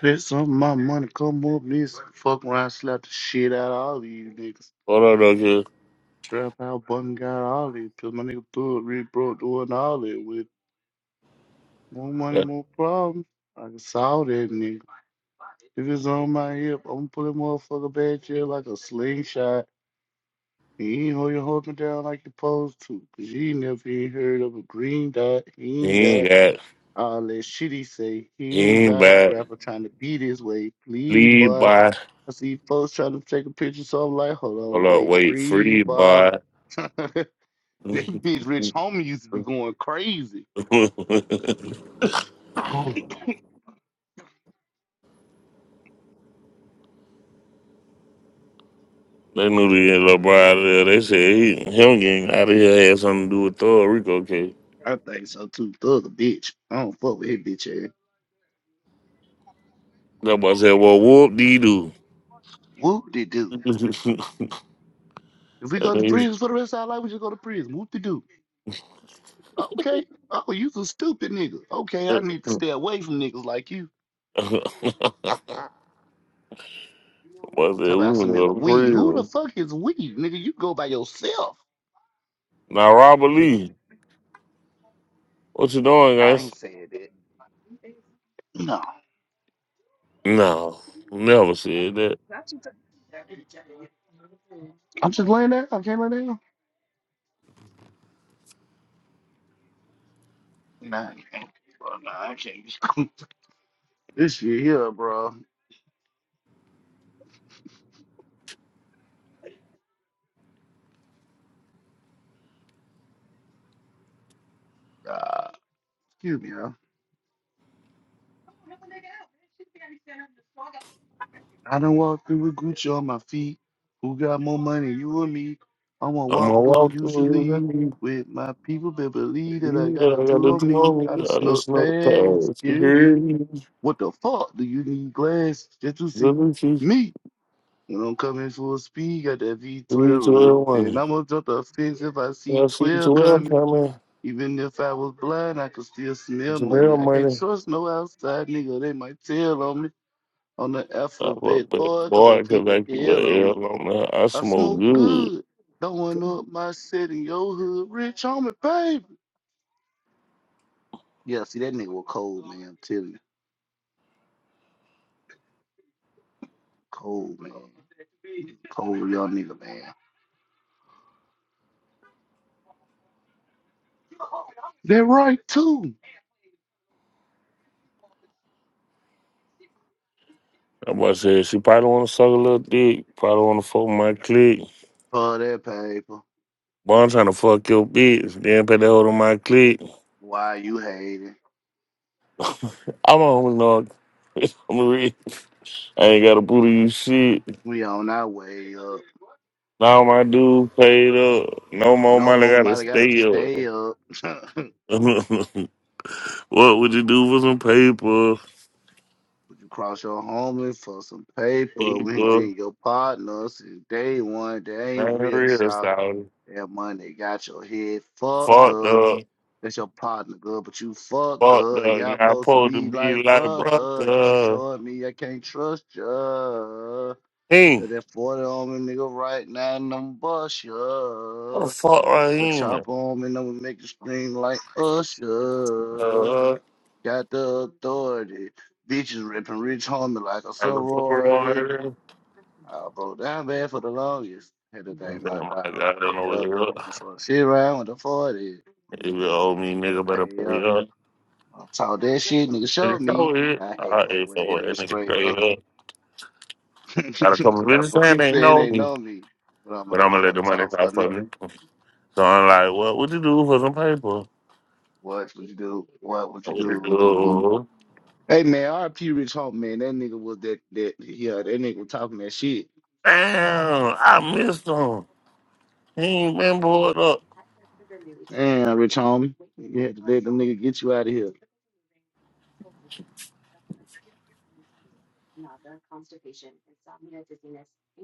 Let some of my money come up. This fuck around, slap the shit out of all of you niggas. Hold on, though, kid. Trap out, button got all of you. Cause my nigga threw it, really broke doing all that with it. More money, Yeah. more problems. I saw that nigga. If it's on my hip, I'm gonna pull that motherfucker back here like a slingshot. And you ain't hold your hold me down like you supposed to. Cause you ain't never even heard of a green dot. He He ain't ain't got got, all that shit he say. he He ain't ain't by back. rapper trying to be this way. Please, Lead boy. by, I see folks trying to take a picture, so I'm like, hold on, hold up, wait, wait, freeze, free boy. by. [LAUGHS] that [LAUGHS] they bitch Rich Homie used to be going crazy. [LAUGHS] I knew the little up out of there. They said he, him getting out of here had something to do with Thor Rico case. think so too. Thug a bitch. I don't fuck with his bitch ass. That boy said, well, whoop dee doo. Whoop de [LAUGHS] doo. and If we go to he, prison for the rest of our life, we just go to prison. Whoop de doo. Okay. Oh, you some stupid nigga. [LAUGHS] Okay, I need to stay away from niggas like you. boy Talk said, we about some if was in we. Who the prison. fuck is we? Nigga, you go by yourself. Now, Robert Nigga, Lee. What you doing, I guys? ain't saying that. No. No, never said that. I'm just laying there. I can't lay down. Nah, I can't. Bro, nah, I can't. [LAUGHS] this shit here, bro. Uh, excuse me, huh? I done walked through with Gucci on my feet. Who got more money, you or me? I'm gonna I'm walk gonna through walk through here, usually baby. with my people, but believe that I Yeah, got a I got tool the on two me. on I me. done I snuck just know past pass. security. Security, What the fuck do you need glass just to see liberty, me? When I'm coming full speed, got that three V12 running. twelve And money. I'm gonna jump the fence if I When I see see 12 twelve coming. coming. Even if I was blind, I could still smell It's real money. I can't money. trust no outside nigga, they might tell on me on the I alphabet, fuck back, boy, 'cause I boy, cause keep an I keep L an on me. L on that. I I smoke smoke good. good. Don't want up my city, your hood, rich homie, baby. Yeah, see, that nigga was cold, man. I'm telling you. Cold, man. Cold, young nigga, man. That right, too. I'm about to say she probably wanna suck a little dick. Probably wanna fuck my clique. For that paper. Boy, I'm trying to fuck your bitch. Then put that hold on my clique. Why you hating? I'm a homie, dog. [LAUGHS] I'm a real. I ain't got a booty you shit. We on our way up. Now my dude paid up. No more No money more gotta Molly gotta stay stay up. up. [LAUGHS] [LAUGHS] what would you do for some paper? Would you cross your homie for some paper when he Paper. been your partner since day one? They ain't Man, real, real shawty. solid. That money got your head fucked Fucked up. up. That's your partner, girl, but you fucked Fucked up. up. Now Y'all I'm supposed to supposed to be be like, like, brother, I guess you brother. showing me I can't trust ya. Hey, Got That 40 on me, nigga, right now, and I'm bust what the ya. fuck right Got the here, man? chopper on me, and I'm gonna make you scream like Usher. Uh, Got the authority. Bitches ripping rich homie like a I can pour on sorority. it. I broke down bad for the longest. Had to and thank then my my God on the God, I don't way know what it up. is. I'm sort of shit around with the 40. If You you owe me, nigga better nigga, better pay pay up. up. I taught that shit, nigga Nigga, showed me. so it. I hate I ate whole head for nigga it, nigga, straight straight up. up. [LAUGHS] Got a couple Gotta bitches put saying people they saying know they me, know me. But I'm gonna but let I'm the gonna let money the money talk for talk me. for me. So I'm like, what would you do for some paper? What would you do? What would you What would you do? do? Hey man, RP Rich Homie, man, that nigga was that that yeah, that nigga was talking that shit. Damn, I missed him. He ain't been pulled up. Damn, Rich Homie. You had to let them nigga get you out of here.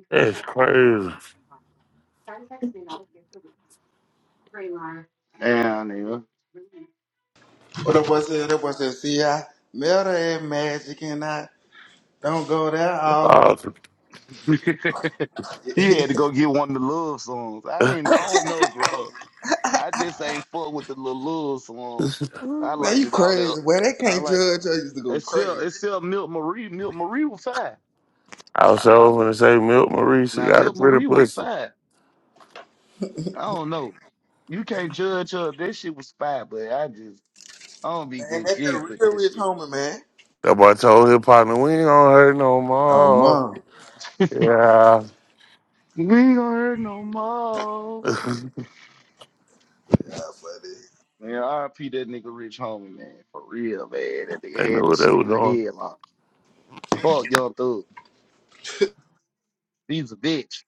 That's crazy. Damn, nigga. What that boy said, that boy said, see, I met her Magic and I don't go there all Oh, [LAUGHS] [LAUGHS] he had to Man, go get one of the love songs. I [LAUGHS] ain't, I don't know, bro. I just ain't fuck with the little love song. I liked you it all that. crazy, Well, they I can't like judge. I used to go it's still crazy. it's still Milk Marie. Milk Marie was fine. I was so gonna say Milk Marie, she Now got a Milk pretty Marie was pussy. fine. I don't know. You can't judge her. That shit was fine, but I just I don't be Man, getting that's a jig with real that Rich shit. Homie, man. That boy told his partner, we ain't gonna hurt no Oh, more. mom. Yeah. We ain't going no [LAUGHS] more. they God, funny. Man, RP that nigga Rich Homie, man. For real, man. That nigga knew had what this they shit were in the doing. head, man. Fuck Young Thug. He's a bitch.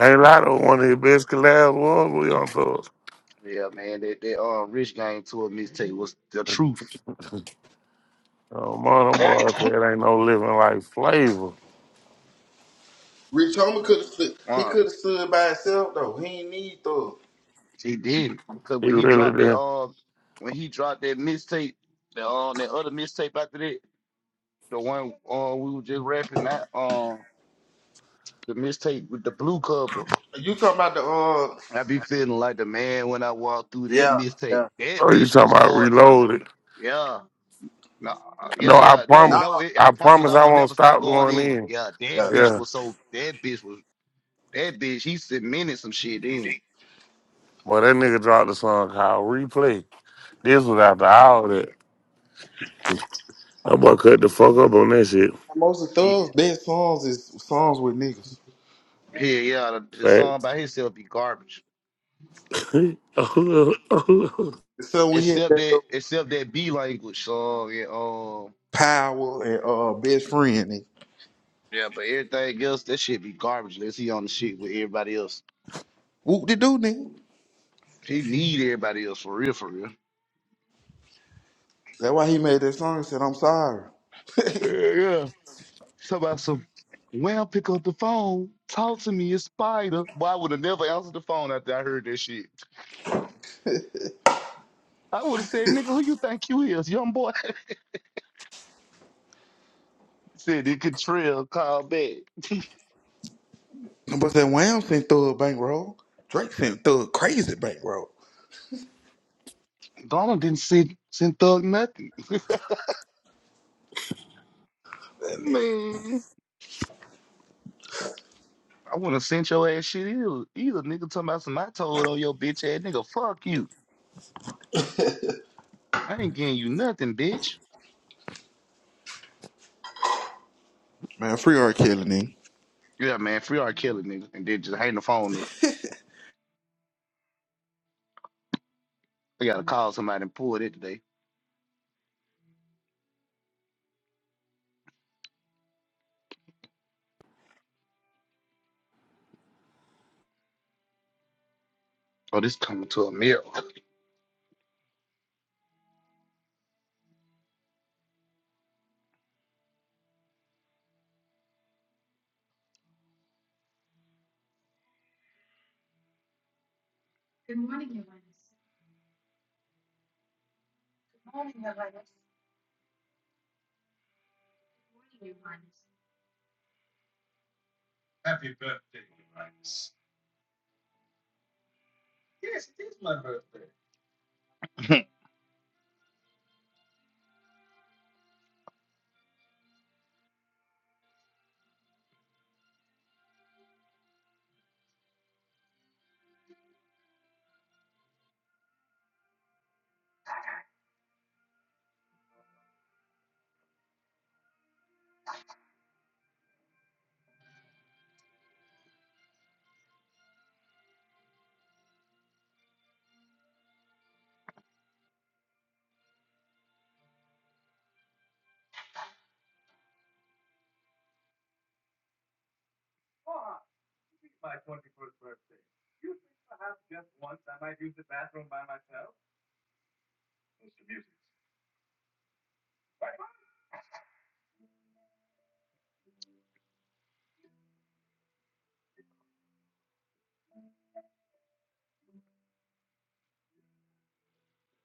Ain't a lot of one of his best collabs was Yeah, man. That, that uh, Rich Gang tour mixtape was the we on truth. tour. [LAUGHS] Oh, man, them boys said it ain't no living like flavor. Rich Homie could have stood, he Uh, could have stood by himself, though. He ain't need to. he did. Because He when he really dropped that, did. uh, when he dropped that mixtape, the, uh, that other mixtape after that, the one uh, we were just rapping that, uh, the mixtape with the blue cover. You talking about the, uh, I be feeling like the man when I walk through that yeah, mistake. yeah. That Oh, you bitch talking was about hard for me. reloaded? Yeah. No, No, yeah, I yeah. No, Nah, promise. no, it, I I promise promise I I won't won't never stop stop going going in. in. Yeah, yeah. that bitch Yeah. was so that bitch was that bitch, he cemented some shit in. Boy, that nigga dropped the song called Replay. This was after all that. That boy cut the fuck up on that shit. Most of He Thug's best songs is songs with niggas. yeah, yeah, the, the song by himself be garbage. Fact. [LAUGHS] So we had Except that that little except that B language song and um power and uh, best friend. yeah, but everything else, that shit be garbage unless he on the shit with everybody else. Whoop de doo, nigga. He need everybody else for real, for real. That's why he made that song and said, I'm sorry. [LAUGHS] but Yeah, yeah. Talk about some, well, pick up the phone. Talk to me, a spider. Boy, I would have never answered the phone after I heard that shit. I would have said, nigga, who you think you is, young boy? [LAUGHS] He said it could trail, call back. that Wham sent Thug bankroll. Drake sent Thug crazy bankroll. [LAUGHS] Donald didn't send, send Thug nothing. [LAUGHS] That nigga. Man, I wouldn't have sent your ass shit either. Either nigga talking about some I told on your bitch ass nigga. Fuck you. I ain't getting you nothing, bitch. Man, free R. Kelly, nigga. Yeah, man, free R. Kelly, nigga. And then just hang the phone up. I gotta call somebody and pull it today. Oh, this coming to a mirror. [LAUGHS]